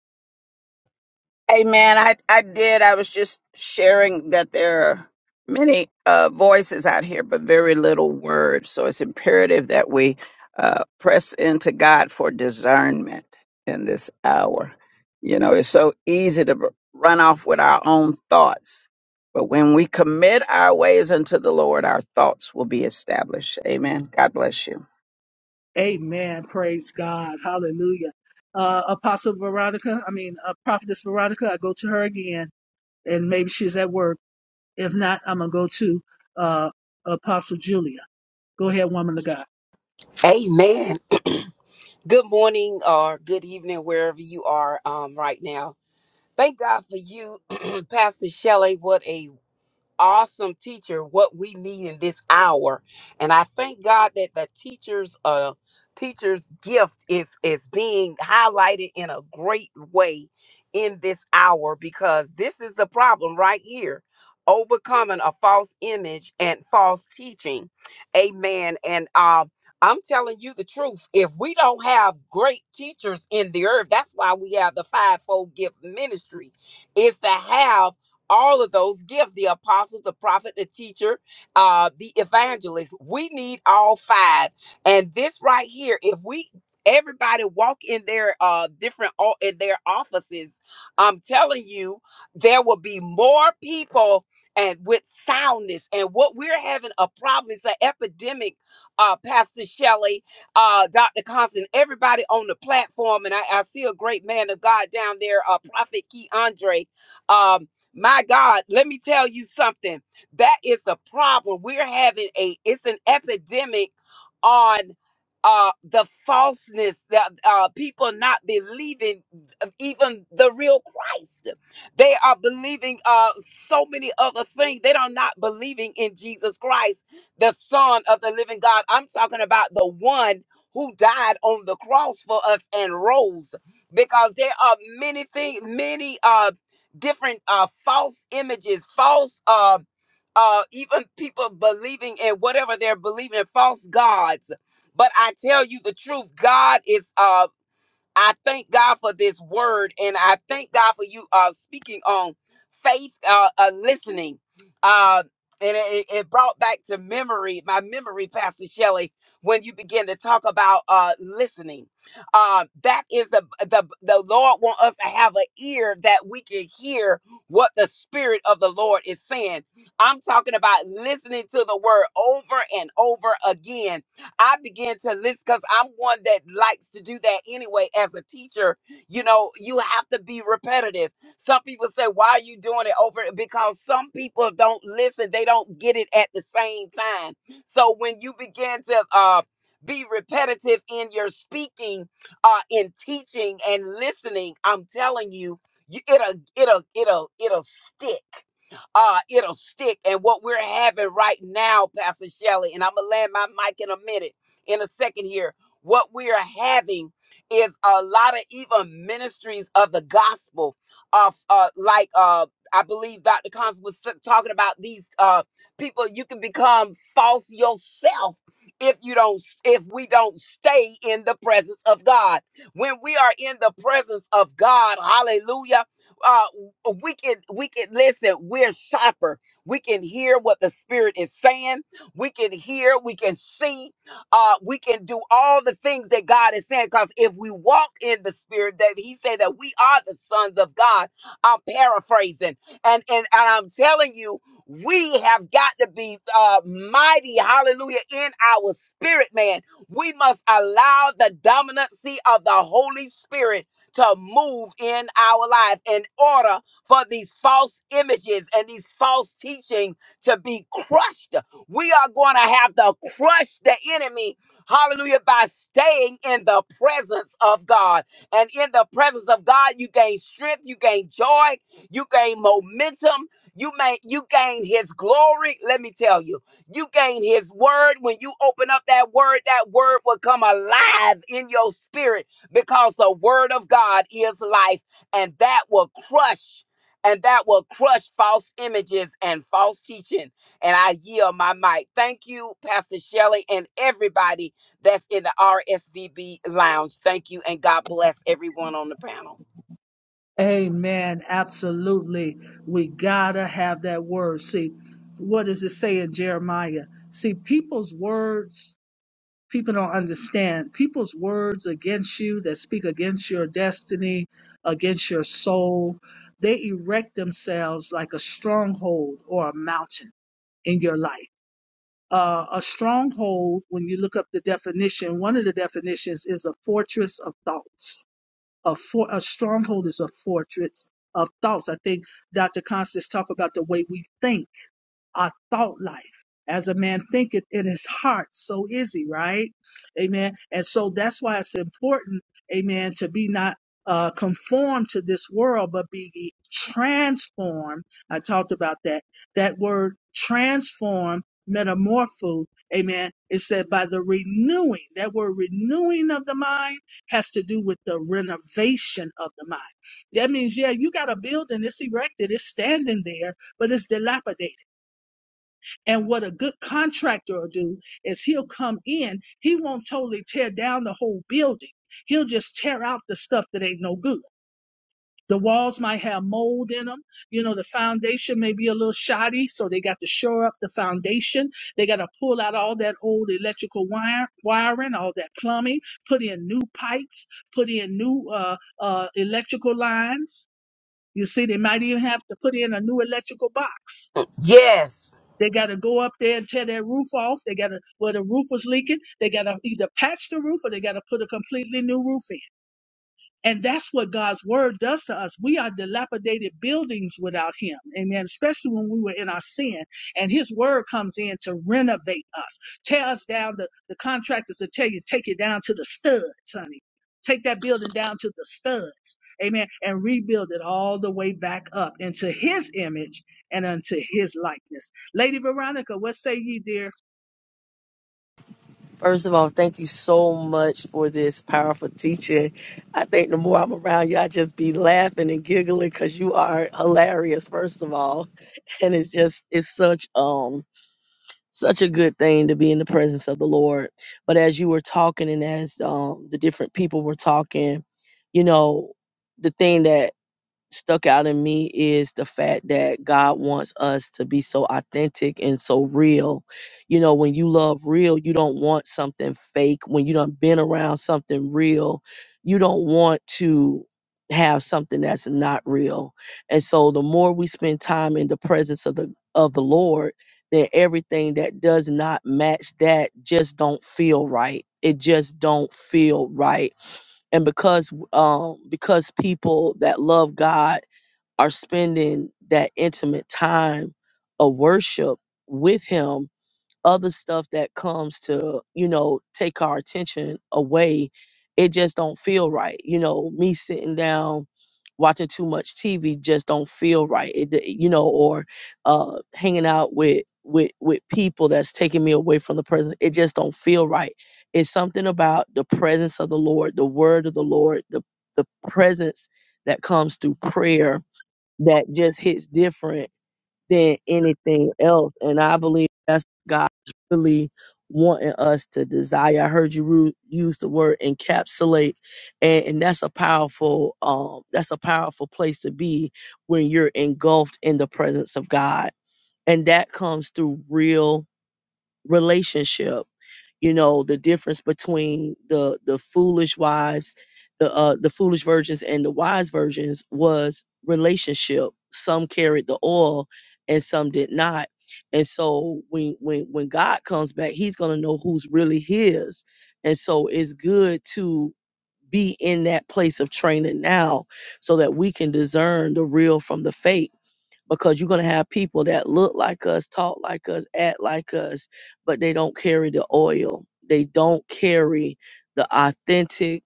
Amen. I, I did. I was just sharing that there are many uh, voices out here, but very little word. So it's imperative that we uh, press into God for discernment in this hour. You know, it's so easy to run off with our own thoughts. But when we commit our ways unto the Lord, our thoughts will be established. Amen. God bless you.
Amen. Praise God. Hallelujah. Uh, Apostle Veronica, I mean, uh, Prophetess Veronica, I go to her again, and maybe she's at work. If not, I'm going to go to uh, Apostle Julia. Go ahead, woman of God.
Amen. Good morning or good evening, wherever you are um, right now. Thank God for you, <clears throat> Pastor Shelley. What a awesome teacher what we need in this hour and i thank god that the teacher's uh teacher's gift is is being highlighted in a great way in this hour because this is the problem right here overcoming a false image and false teaching amen and um I'm telling you the truth. If we don't have great teachers in the earth, that's why we have the fivefold gift ministry, is to have all of those gifts the apostle the prophet the teacher uh the evangelist we need all five and this right here if we everybody walk in their uh different o- in their offices i'm telling you there will be more people and with soundness and what we're having a problem is an epidemic uh pastor shelley uh dr constant everybody on the platform and i, I see a great man of god down there uh prophet key andre my God, let me tell you something. That is the problem. We're having a it's an epidemic on uh the falseness that uh people not believing uh, even the real Christ. They are believing uh so many other things. They are not believing in Jesus Christ, the Son of the Living God. I'm talking about the one who died on the cross for us and rose because there are many things, many uh different uh, false images, false, uh, uh, even people believing in whatever they're believing, in, false gods. But I tell you the truth, God is. Um, I thank God for this word, and I thank God for you uh, speaking on faith, uh, uh, listening, uh, and it, it it brought back to memory my memory, Pastor Shelley, when you begin to talk about uh, listening. Uh, that is the the the Lord want us to have an ear that we can hear what the Spirit of the Lord is saying. I'm talking about listening to the word over and over again I began to list because I'm one that likes to do that anyway. As a teacher, you know, you have to be repetitive. Some people say, Why are you doing it over? Because some people don't listen, they don't get it at the same time. So when you begin to uh be repetitive in your speaking, uh, in teaching and listening. I'm telling you, you it'll it'll it'll it'll stick uh, it'll stick. And what we're having right now, Pastor Shelley, and I'm gonna land my mic in a minute, in a second here. What we are having is a lot of even ministries of the gospel, of uh, like uh, I believe Dr. Constance was t- talking about these uh, people. You can become false yourself if you don't, if we don't stay in the presence of God. When we are in the presence of God, Hallelujah uh, we can we can listen we're sharper we can hear what the spirit is saying we can hear we can see uh we can do all the things that god is saying because if we walk in the spirit that he said that we are the sons of god i'm paraphrasing and and, and i'm telling you we have got to be uh, mighty, hallelujah, in our spirit, man. We must allow the dominancy of the Holy Spirit to move in our life in order for these false images and these false teaching to be crushed. We are going to have to crush the enemy. Hallelujah. By staying in the presence of God. And in the presence of God, you gain strength, you gain joy, you gain momentum, you may you gain his glory. Let me tell you, you gain his word. When you open up that word, that word will come alive in your spirit because the word of God is life, and that will crush and that will crush false images and false teaching. And I yield my mic. Thank you, Pastor Shelley, and everybody that's in the RSVB lounge. Thank you, and God bless everyone on the panel.
Amen. Absolutely. We gotta have that word. See, what does it say in Jeremiah? See, people's words, people don't understand. People's words against you that speak against your destiny, against your soul, they erect themselves like a stronghold or a mountain in your life. Uh, a stronghold, when you look up the definition, one of the definitions is a fortress of thoughts a for a stronghold is a fortress of thoughts. I think Dr. Constance talked about the way we think our thought life. As a man thinketh in his heart, so is he, right? Amen. And so that's why it's important, amen, to be not uh, conformed to this world, but be ye transformed. I talked about that. That word transform, metamorpho, amen. It said by the renewing. That word renewing of the mind has to do with the renovation of the mind. That means, yeah, you got a building, it's erected, it's standing there, but it's dilapidated. And what a good contractor will do is he'll come in, he won't totally tear down the whole building. He'll just tear out the stuff that ain't no good. The walls might have mold in them. You know, the foundation may be a little shoddy, so they got to shore up the foundation. They got to pull out all that old electrical wire, wiring, all that plumbing, put in new pipes, put in new uh, uh, electrical lines. You see, they might even have to put in a new electrical box
Yes.
they got to go up there and tear their roof off. They got to, where the roof was leaking, they got to either patch the roof or they got to put a completely new roof in. And that's what God's word does to us. We are dilapidated buildings without him. Amen. Especially when we were in our sin. And his word comes in to renovate us. Tear us down. The, the contractors will tell you, take it down to the studs, honey. Take that building down to the studs. Amen. And rebuild it all the way back up into his image and unto his likeness. Lady Veronica, what say ye, dear?
<laughs> First of all, thank you so much for this powerful teaching. I think the more I'm around you, I just be laughing and giggling because you are hilarious, first of all. <laughs> And it's just it's such um such a good thing to be in the presence of the Lord. But as you were talking and as um the different people were talking, you know, the thing that stuck out in me is the fact that God wants us to be so authentic and so real. You know, when you love real, you don't want something fake. When you done been around something real, you don't want to have something that's not real. And so the more we spend time in the presence of the of the Lord, then everything that does not match that just don't feel right. It just don't feel right and because um because people that love God are spending that intimate time of worship with him other stuff that comes to you know take our attention away it just don't feel right you know me sitting down watching too much tv just don't feel right it d- you know or uh hanging out with with with people that's taking me away from the present it just don't feel right it's something about the presence of the lord the word of the lord the the presence that comes through prayer that just hits different than anything else. And I believe that's God's really wanting us to desire. I heard you ru- use the word encapsulate, and, and that's a powerful um that's a powerful place to be when you're engulfed in the presence of God, and that comes through real relationship you know the difference between the the foolish wives the uh the foolish virgins and the wise virgins was relationship some carried the oil and some did not and so when when when god comes back he's going to know who's really his and so it's good to be in that place of training now so that we can discern the real from the fake because you're going to have people that look like us, talk like us, act like us, but they don't carry the oil. They don't carry the authentic,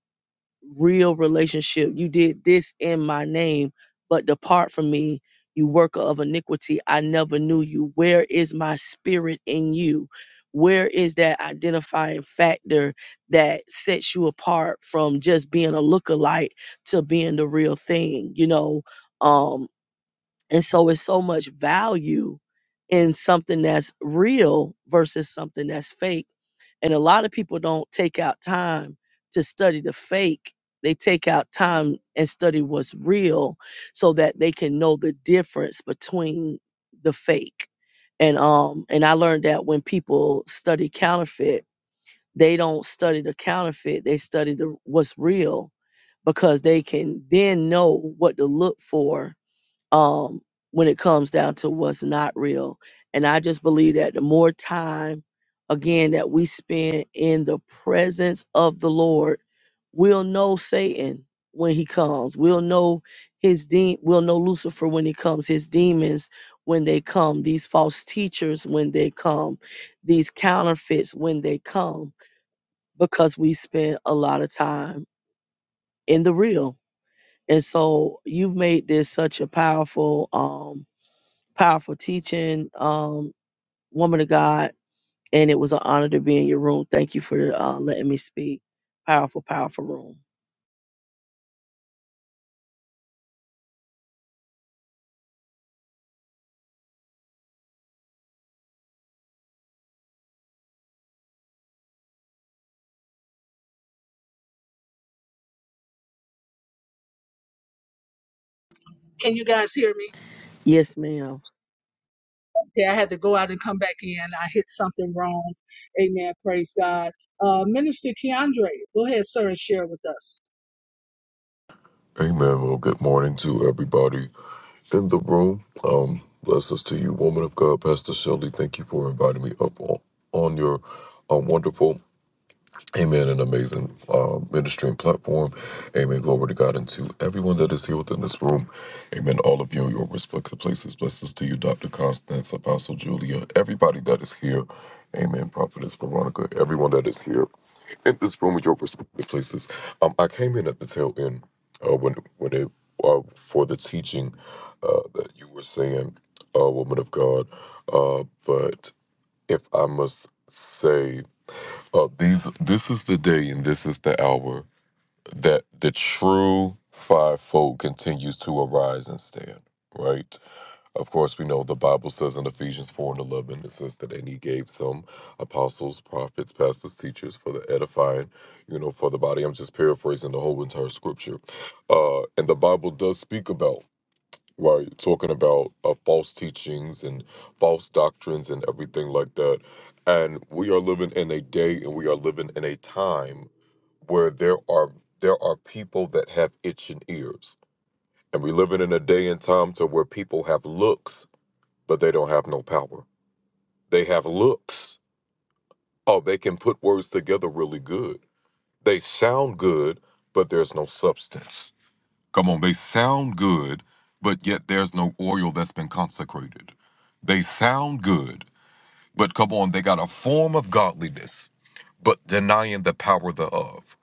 real relationship. You did this in my name, but depart from me, you worker of iniquity. I never knew you. Where is my spirit in you? Where is that identifying factor that sets you apart from just being a lookalike to being the real thing? You know, um, and so it's so much value in something that's real versus something that's fake. And a lot of people don't take out time to study the fake. They take out time and study what's real so that they can know the difference between the fake. And um and I learned that when people study counterfeit, they don't study the counterfeit, they study the what's real because they can then know what to look for um, when it comes down to what's not real. And I just believe that the more time, again, that we spend in the presence of the Lord, we'll know Satan when he comes. We'll know his de- we'll know Lucifer when he comes, his demons when they come, these false teachers when they come, these counterfeits when they come, because we spend a lot of time in the real. And so you've made this such a powerful um powerful teaching, um, woman of God, and it was an honor to be in your room. Thank you for uh, letting me speak. Powerful, powerful room.
Can you guys hear me?
Yes, ma'am.
Yeah, I had to go out and come back in. I hit something wrong. Amen. Praise God. Uh, Minister Keandre, go ahead, sir, and share with us.
Amen. Well, good morning to everybody in the room. Um, blessings to you, woman of God, Pastor Shelley. Thank you for inviting me up on, on your um, wonderful Amen. An amazing uh, ministry and platform. Amen. Glory to God and to everyone that is here within this room. Amen. All of you in your respective places. Blessings to you, Dr. Constance, Apostle Julia, everybody that is here. Amen. Prophetess Veronica, everyone that is here in this room with your respective places. Um, I came in at the tail end uh, when when it uh, for the teaching uh, that you were saying, uh, woman of God. Uh, but if I must say, uh, these this is the day and this is the hour that the true fivefold continues to arise and stand. Right. Of course, we know the Bible says in Ephesians four and eleven it says that and he gave some apostles, prophets, pastors, teachers for the edifying, you know, for the body. I'm just paraphrasing the whole entire scripture. Uh, and the Bible does speak about right talking about uh, false teachings and false doctrines and everything like that and we are living in a day and we are living in a time where there are there are people that have itching ears and we're living in a day and time to where people have looks but they don't have no power they have looks oh they can put words together really good they sound good but there's no substance Come on, they sound good, but yet there's no oil that's been consecrated. They sound good, but come on, they got a form of godliness, but denying the power thereof.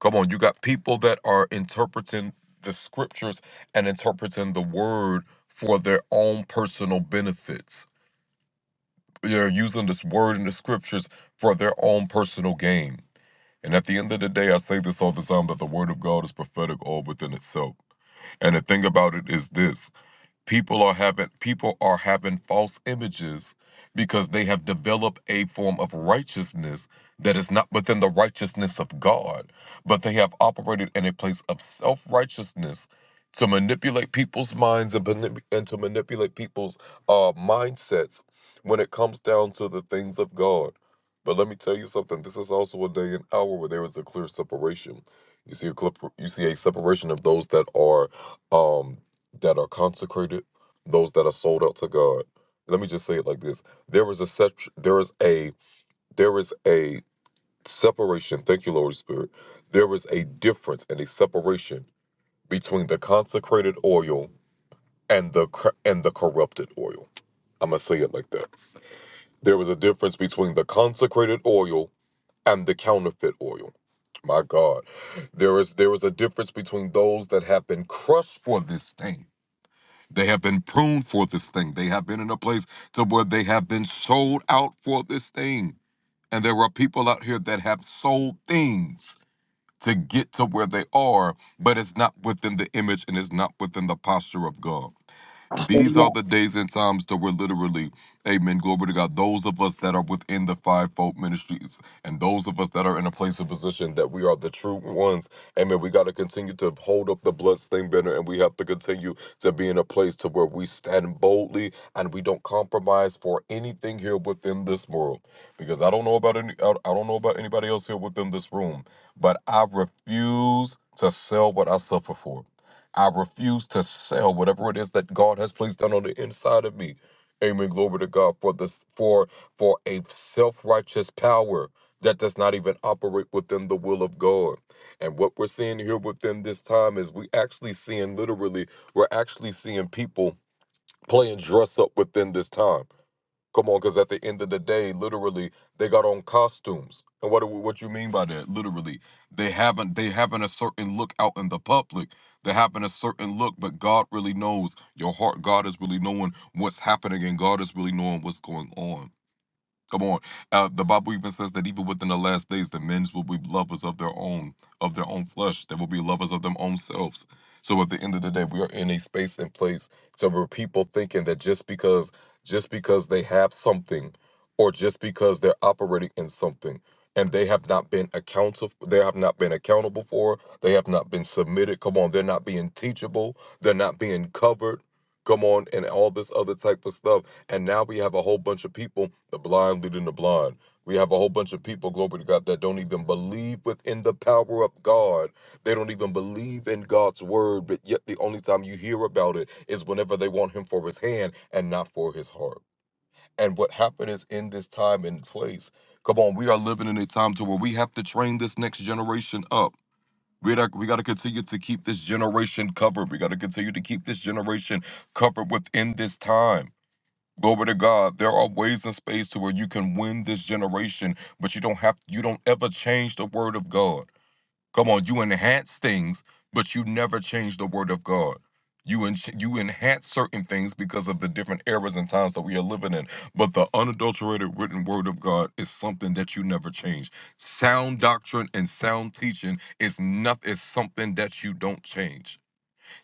Come on, you got people that are interpreting the scriptures and interpreting the word for their own personal benefits. They're using this word in the scriptures for their own personal gain. And at the end of the day, I say this all the time that the word of God is prophetic all within itself. And the thing about it is this people are having people are having false images because they have developed a form of righteousness that is not within the righteousness of God, but they have operated in a place of self-righteousness to manipulate people's minds and, manip- and to manipulate people's uh, mindsets when it comes down to the things of God. But let me tell you something. This is also a day and hour where there is a clear separation. You see a clip, you see a separation of those that are um that are consecrated, those that are sold out to God. Let me just say it like this: there is a sep- there is a there is a separation. Thank you, Lord Spirit. There is a difference and a separation between the consecrated oil and the cor- and the corrupted oil. I'm gonna say it like that. There is a difference between the consecrated oil and the counterfeit oil. My God, there is there is a difference between those that have been crushed for this thing They have been pruned for this thing. They have been in a place to where they have been sold out for this thing. And there are people out here that have sold things to get to where they are, but it's not within the image and it's not within the posture of God. And these are the days and times that we're literally, amen, glory to God, those of us that are within the fivefold ministries and those of us that are in a place of position that we are the true ones, amen, we got to continue to hold up the bloodstained banner and we have to continue to be in a place to where we stand boldly and we don't compromise for anything here within this world. Because I don't know about any, I I don't know about anybody else here within this room, but I refuse to sell what I suffer for. I refuse to sell whatever it is that God has placed down on the inside of me. Amen. Glory to God for this for for a self-righteous power that does not even operate within the will of God. And what we're seeing here within this time is we actually seeing literally, we're actually seeing people playing dress up within this time Come on, because at the end of the day, literally, they got on costumes. And what do- what you mean by that? Literally, they haven't they haven't a certain look out in the public. They having a certain look, but God really knows your heart. God is really knowing what's happening, and God is really knowing what's going on. Come on. Uh, the Bible even says that even within the last days, the men will be lovers of their own, of their own flesh. They will be lovers of their own selves. So at the end of the day, we are in a space and place so where people thinking that just because just because they have something or just because they're operating in something and they have not been accountable they have not been accountable for, they have not been submitted. Come on, they're not being teachable, they're not being covered. Come on, and all this other type of stuff and now we have a whole bunch of people, the blind leading the blind. We have a whole bunch of people, glory to God, that don't even believe within the power of God. They don't even believe in God's word, but yet the only time you hear about it is whenever they want Him for His hand and not for His heart. And what happened is in this time and place, come on, we are living in a time to where we have to train this next generation up. We got we got to continue to keep this generation covered. We got to continue to keep this generation covered within this time. Glory to God. There are ways and space to where you can win this generation, but you don't have you don't ever change the word of God. Come on, you enhance things, but you never change the word of God. You en- you enhance certain things because of the different eras and times that we are living in, but the unadulterated written word of God is something that you never change. Sound doctrine and sound teaching is nothing is something that you don't change.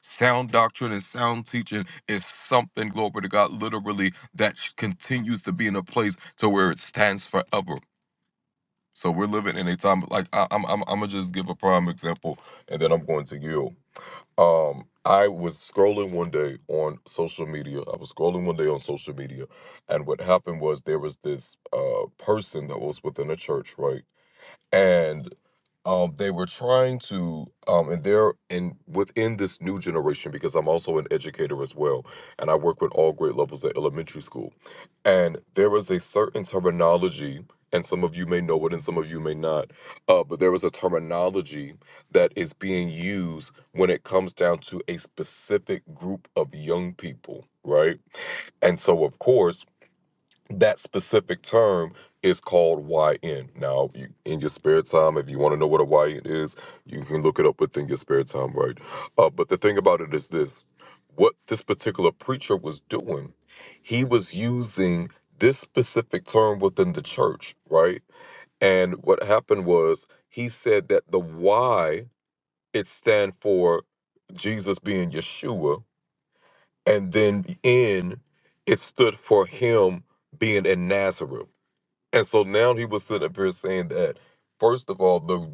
Sound doctrine and sound teaching is something, glory to God, literally that sh- continues to be in a place to where it stands forever. So we're living in a time like I, I'm, I'm. I'm gonna just give a prime example, and then I'm going to yield. Um, I was scrolling one day on social media. I was scrolling one day on social media, and what happened was there was this uh person that was within a church, right? and um, they were trying to, um, and they're in within this new generation because I'm also an educator as well, and I work with all grade levels at elementary school, and there is a certain terminology, and some of you may know it, and some of you may not, uh, but there is a terminology that is being used when it comes down to a specific group of young people, right? And so, of course that specific term is called YN. Now, if you in your spare time, if you want to know what a YN is, you can look it up within your spare time, right? Uh, but the thing about it is this: what this particular preacher was doing, he was using this specific term within the church, right? And what happened was he said that the Y it stand for Jesus being Yeshua, and then N it stood for him being in Nazareth. And so now he was sitting up here saying that, first of all, the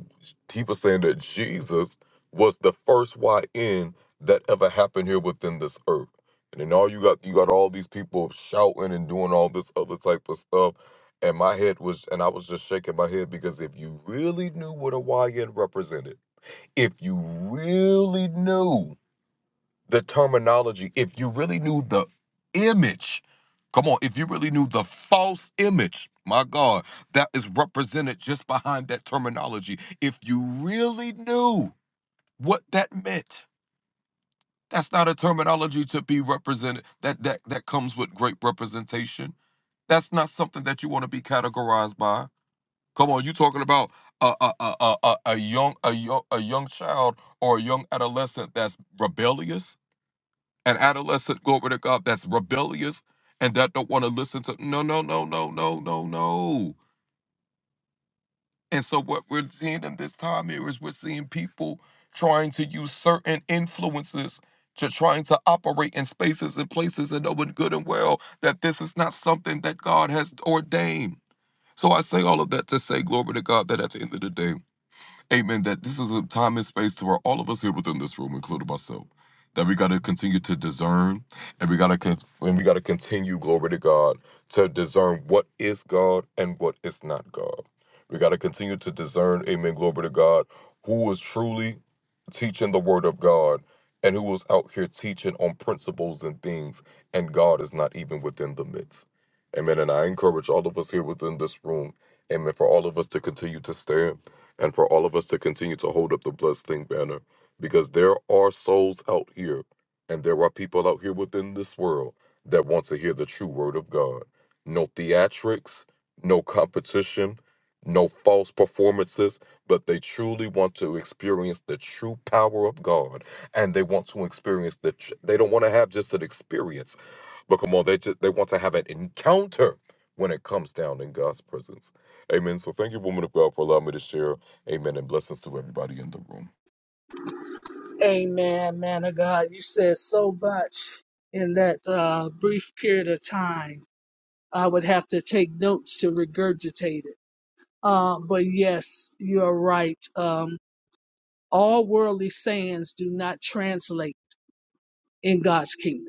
he was saying that Jesus was the first YN that ever happened here within this earth. And then all you got you got all these people shouting and doing all this other type of stuff. And my head was and I was just shaking my head because if you really knew what a YN represented, if you really knew the terminology, if you really knew the image, come on, if you really knew the false image, my God, that is represented just behind that terminology, if you really knew what that meant, that's not a terminology to be represented. That that that comes with great representation. That's not something that you want to be categorized by. Come on, you talking about a a, a, a, a a young a young a young child or a young adolescent that's rebellious? an adolescent, glory to God, that's rebellious and that don't want to listen to no, no, no, no, no, no, no. And so what we're seeing in this time here is we're seeing people trying to use certain influences to trying to operate in spaces and places and knowing good and well that this is not something that God has ordained. So I say all of that to say, glory to God, that at the end of the day, amen, that this is a time and space to where all of us here within this room, including myself, that we got to continue to discern and we got to con- and we got to continue glory to God to discern what is God and what is not God. We got to continue to discern, amen, glory to God, who is truly teaching the word of God and who is out here teaching on principles and things and God is not even within the midst. Amen. And I encourage all of us here within this room, amen, for all of us to continue to stand and for all of us to continue to hold up the Blessed Thing banner because there are souls out here and there are people out here within this world that want to hear the true word of God. No theatrics, no competition, no false performances, but they truly want to experience the true power of God and they want to experience the tr- they don't want to have just an experience but come on, they just they want to have an encounter when it comes down in God's presence. Amen. So thank you, woman of God, for allowing me to share. Amen. And blessings to everybody in the room.
Amen, man of God. You said so much in that uh, brief period of time. I would have to take notes to regurgitate it. Uh, but yes, you are right. Um, all worldly sayings do not translate in God's kingdom.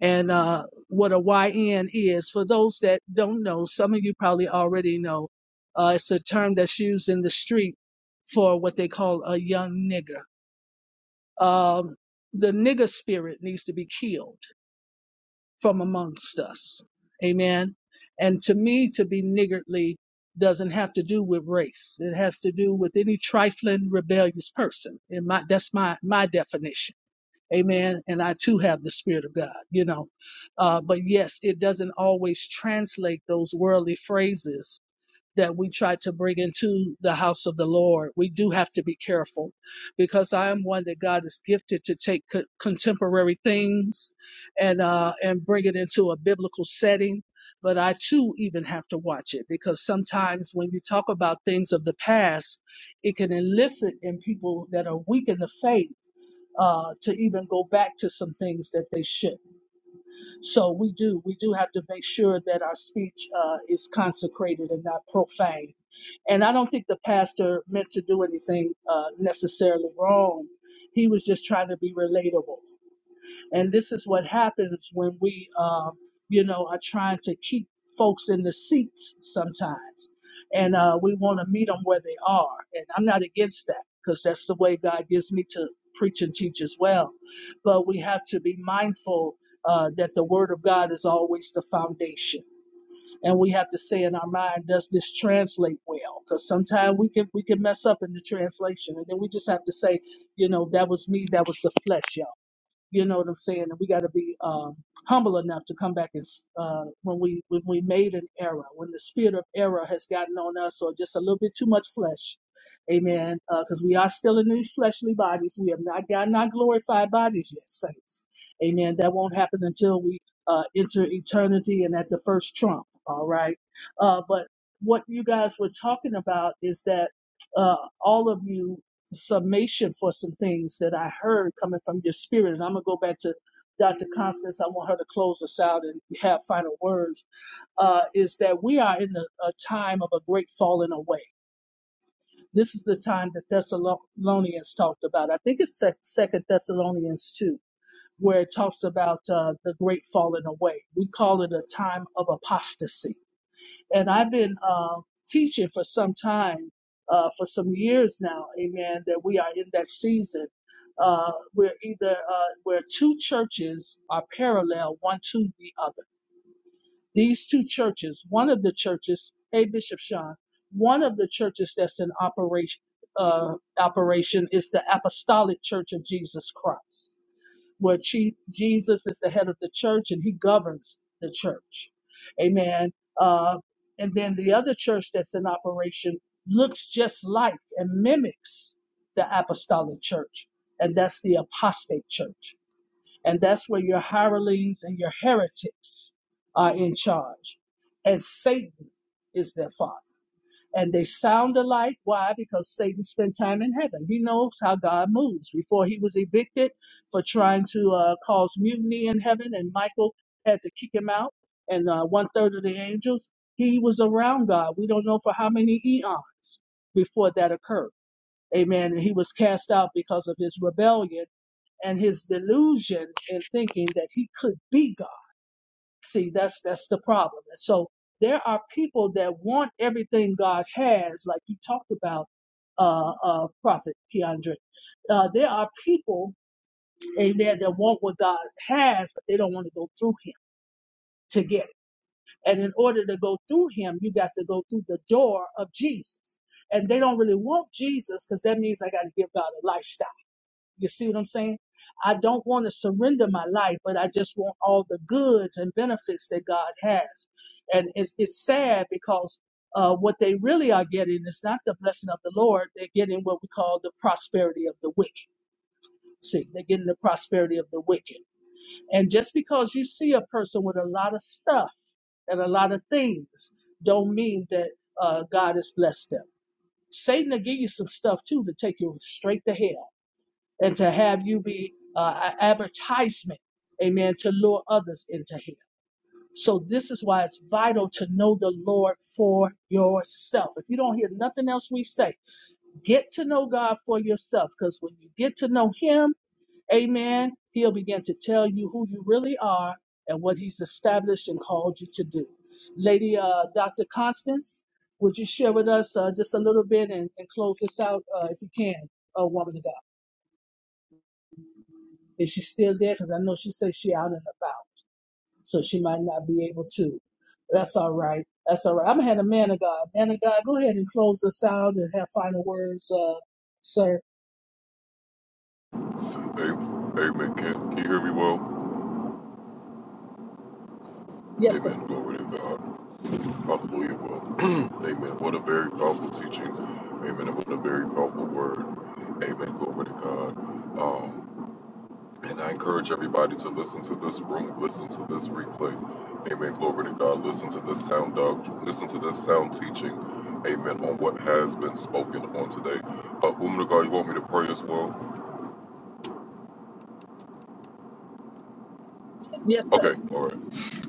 and uh, what a YN is. For those that don't know, some of you probably already know, uh, it's a term that's used in the street for what they call a young nigger. Um, the nigger spirit needs to be killed from amongst us. Amen. And to me, to be niggardly doesn't have to do with race. It has to do with any trifling, rebellious person. In my, that's my, my definition Amen. And I too have the Spirit of God, you know. Uh, but yes, it doesn't always translate those worldly phrases that we try to bring into the house of the Lord. We do have to be careful because I am one that God is gifted to take co- contemporary things and uh, and bring it into a biblical setting. But I too even have to watch it because sometimes when you talk about things of the past, it can elicit in people that are weak in the faith uh, to even go back to some things that they shouldn't. So we do we do have to make sure that our speech uh, is consecrated and not profane. And I don't think the pastor meant to do anything uh, necessarily wrong. He was just trying to be relatable. And this is what happens when we, um, you know, are trying to keep folks in the seats sometimes. And uh, we want to meet them where they are. And I'm not against that because that's the way God gives me to preach and teach as well. But we have to be mindful uh, that the Word of God is always the foundation. And we have to say in our mind, does this translate well? Because sometimes we can we can mess up in the translation, and then we just have to say, you know, that was me, that was the flesh, y'all you know what I'm saying? And we got to be um, humble enough to come back and s- uh, when we when we made an error, when the spirit of error has gotten on us, or just a little bit too much flesh. Amen. Because we are still in these fleshly bodies. We have not gotten our glorified bodies yet, saints. Amen. That won't happen until we uh, enter eternity and at the first trump. All right. Uh, but what you guys were talking about is that uh, all of you summation for some things that I heard coming from your spirit. And I'm going to go back to Dr. Constance. I want her to close us out and have final words. Uh, is that we are in a, a time of a great falling away. This is the time that Thessalonians talked about. I think it's Sec- Second Thessalonians 2, where it talks about uh, the great falling away. We call it a time of apostasy and I've been uh, teaching for some time, uh, for some years now, amen, that we are in that season. Uh, we're either uh, where two churches are parallel one to the other. These two churches, one of the churches, hey Bishop Sean, one of the churches that's in operation uh, operation is the Apostolic Church of Jesus Christ where Chi- Jesus is the head of the church and he governs the church. Amen. Uh, and then the other church that's in operation looks just like and mimics the apostolic church, and that's the apostate church. And that's where your hirelings and your heretics are in charge, and Satan is their father and they sound alike. Why? Because Satan spent time in heaven. He knows how God moves. Before he was evicted for trying to uh, cause mutiny in heaven, and Michael had to kick him out, and uh, one third of the angels, he was around God. We don't know for how many eons before that occurred. Amen. And he was cast out because of his rebellion and his delusion in thinking that he could be God. See, that's that's the problem. And so there are people that want everything God has, like you talked about, uh, uh, Prophet Keandre. Uh, there are people, amen, that want what God has, but they don't want to go through Him to get it. And in order to go through Him, you got to go through the door of Jesus. And they don't really want Jesus because that means I got to give God a lifestyle. You see what I'm saying? I don't want to surrender my life, but I just want all the goods and benefits that God has. And it's, it's sad because uh, what they really are getting is not the blessing of the Lord. They're getting what we call the prosperity of the wicked. See, they're getting the prosperity of the wicked. And just because you see a person with a lot of stuff and a lot of things, don't mean that uh, God has blessed them. Satan will give you some stuff too to take you straight to hell and to have you be uh, an advertisement, amen, to lure others into Him. So this is why it's vital to know the Lord for yourself. If you don't hear nothing else we say, get to know God for yourself, because when you get to know Him, amen, He'll begin to tell you who you really are and what He's established and called you to do. Lady uh, Dr. Constance, would you share with us uh, just a little bit and, and close this out uh, if you can, uh, woman of God? Is she still there? Because I know she says she out and about, so she might not be able to. That's all right. That's all right. I'm gonna have a man of God. Man of God, go ahead and close us out and have final words, uh, sir.
Amen. Amen. Can you hear me well?
Yes, sir.
Amen. Glory to God. Hallelujah. Well, <clears throat> amen. What a very powerful teaching. Amen. And what a very powerful word. Amen. Glory to God. Um, and I encourage everybody to listen to this room, listen to this replay. Amen. Glory to God. Listen to this sound doctrine. Listen to this sound teaching. Amen. On what has been spoken on today. Uh, woman of God, you want me to pray as well?
Yes, sir.
Okay, all right.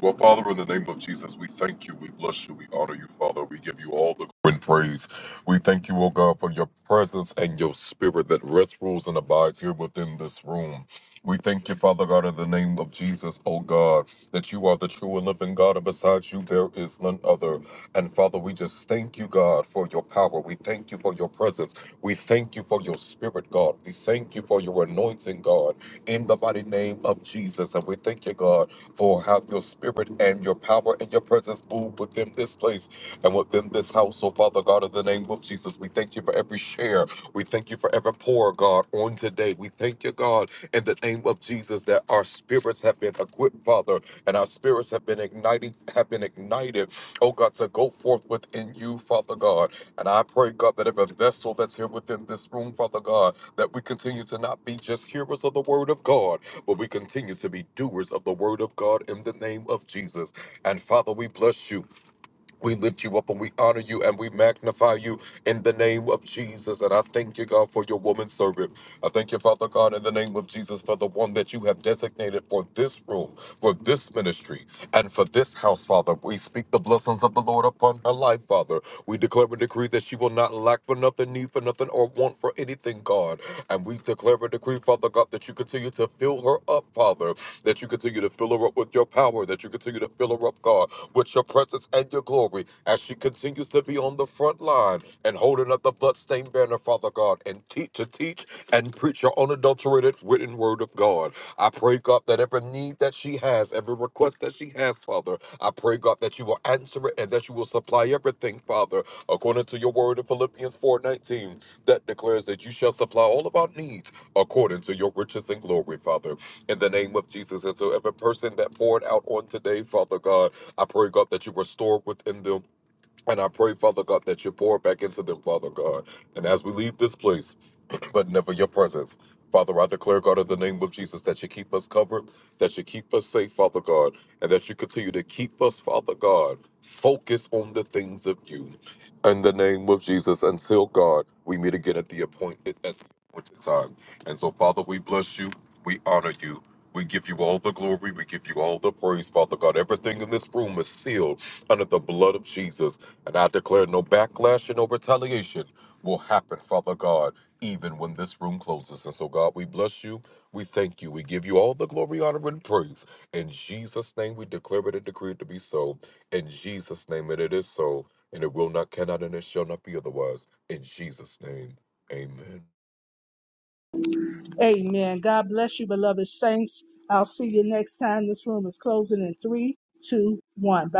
Well, Father, in the name of Jesus, we thank you, we bless you, we honor you, Father. We give you all the glory and praise. We thank you, O God, for your presence and your spirit that rests, rules, and abides here within this room. We thank you, Father God, in the name of Jesus, O God, that you are the true and living God, and besides you, there is none other. And Father, we just thank you, God, for your power. We thank you for your presence. We thank you for your spirit, God. We thank you for your anointing, God, in the mighty name of Jesus. And we thank you, God for have your spirit and your power and your presence move within this place and within this house. So, Father God, in the name of Jesus, we thank you for every share. We thank you for every pour, God, on today. We thank you, God, in the name of Jesus, that our spirits have been equipped, Father, and our spirits have been ignited, have been ignited, oh God, to go forth within you, Father God. And I pray, God, that every vessel that's here within this room, Father God, that we continue to not be just hearers of the word of God but we continue to be doers of the word of God in the name of Jesus. And Father, we bless you. We lift you up and we honor you and we magnify you in the name of Jesus. And I thank you, God, for your woman servant. I thank you, Father God, in the name of Jesus, for the one that you have designated for this room, for this ministry, and for this house, Father. We speak the blessings of the Lord upon her life, Father. We declare and decree that she will not lack for nothing, need for nothing, or want for anything, God. And we declare and decree, Father God, that you continue to fill her up, Father that you continue to fill her up with your power, that you continue to fill her up, God, with your presence and your glory as she continues to be on the front line and holding up the bloodstained banner, Father God, and teach to teach and preach your unadulterated written word of God. I pray, God, that every need that she has, every request that she has, Father, I pray, God, that you will answer it and that you will supply everything, Father, according to your word in Philippians 4:19, that declares that you shall supply all of our needs according to your riches and glory, Father in the name of Jesus. And so every person that poured out on today, Father God, I pray, God, that you restore within them. And I pray, Father God, that you pour back into them, Father God. And as we leave this place, but never your presence. Father, I declare, God, in the name of Jesus, that you keep us covered, that you keep us safe, Father God, and that you continue to keep us, Father God, focused on the things of you. In the name of Jesus, until God, we meet again at the appointed at the appointed time. And so, Father, we bless you, we honor you, we give you all the glory, we give you all the praise, Father God. Everything in this room is sealed under the blood of Jesus, and I declare no backlash and no retaliation will happen, Father God even when this room closes. And so, God, we bless you. We thank you. We give you all the glory, honor, and praise. In Jesus' name, we declare it and decree it to be so. In Jesus' name, and it is so. And it will not, cannot, and it shall not be otherwise. In Jesus' name, amen.
Amen. God bless you, beloved saints. I'll see you next time. This room is closing in three, two, one. Bye.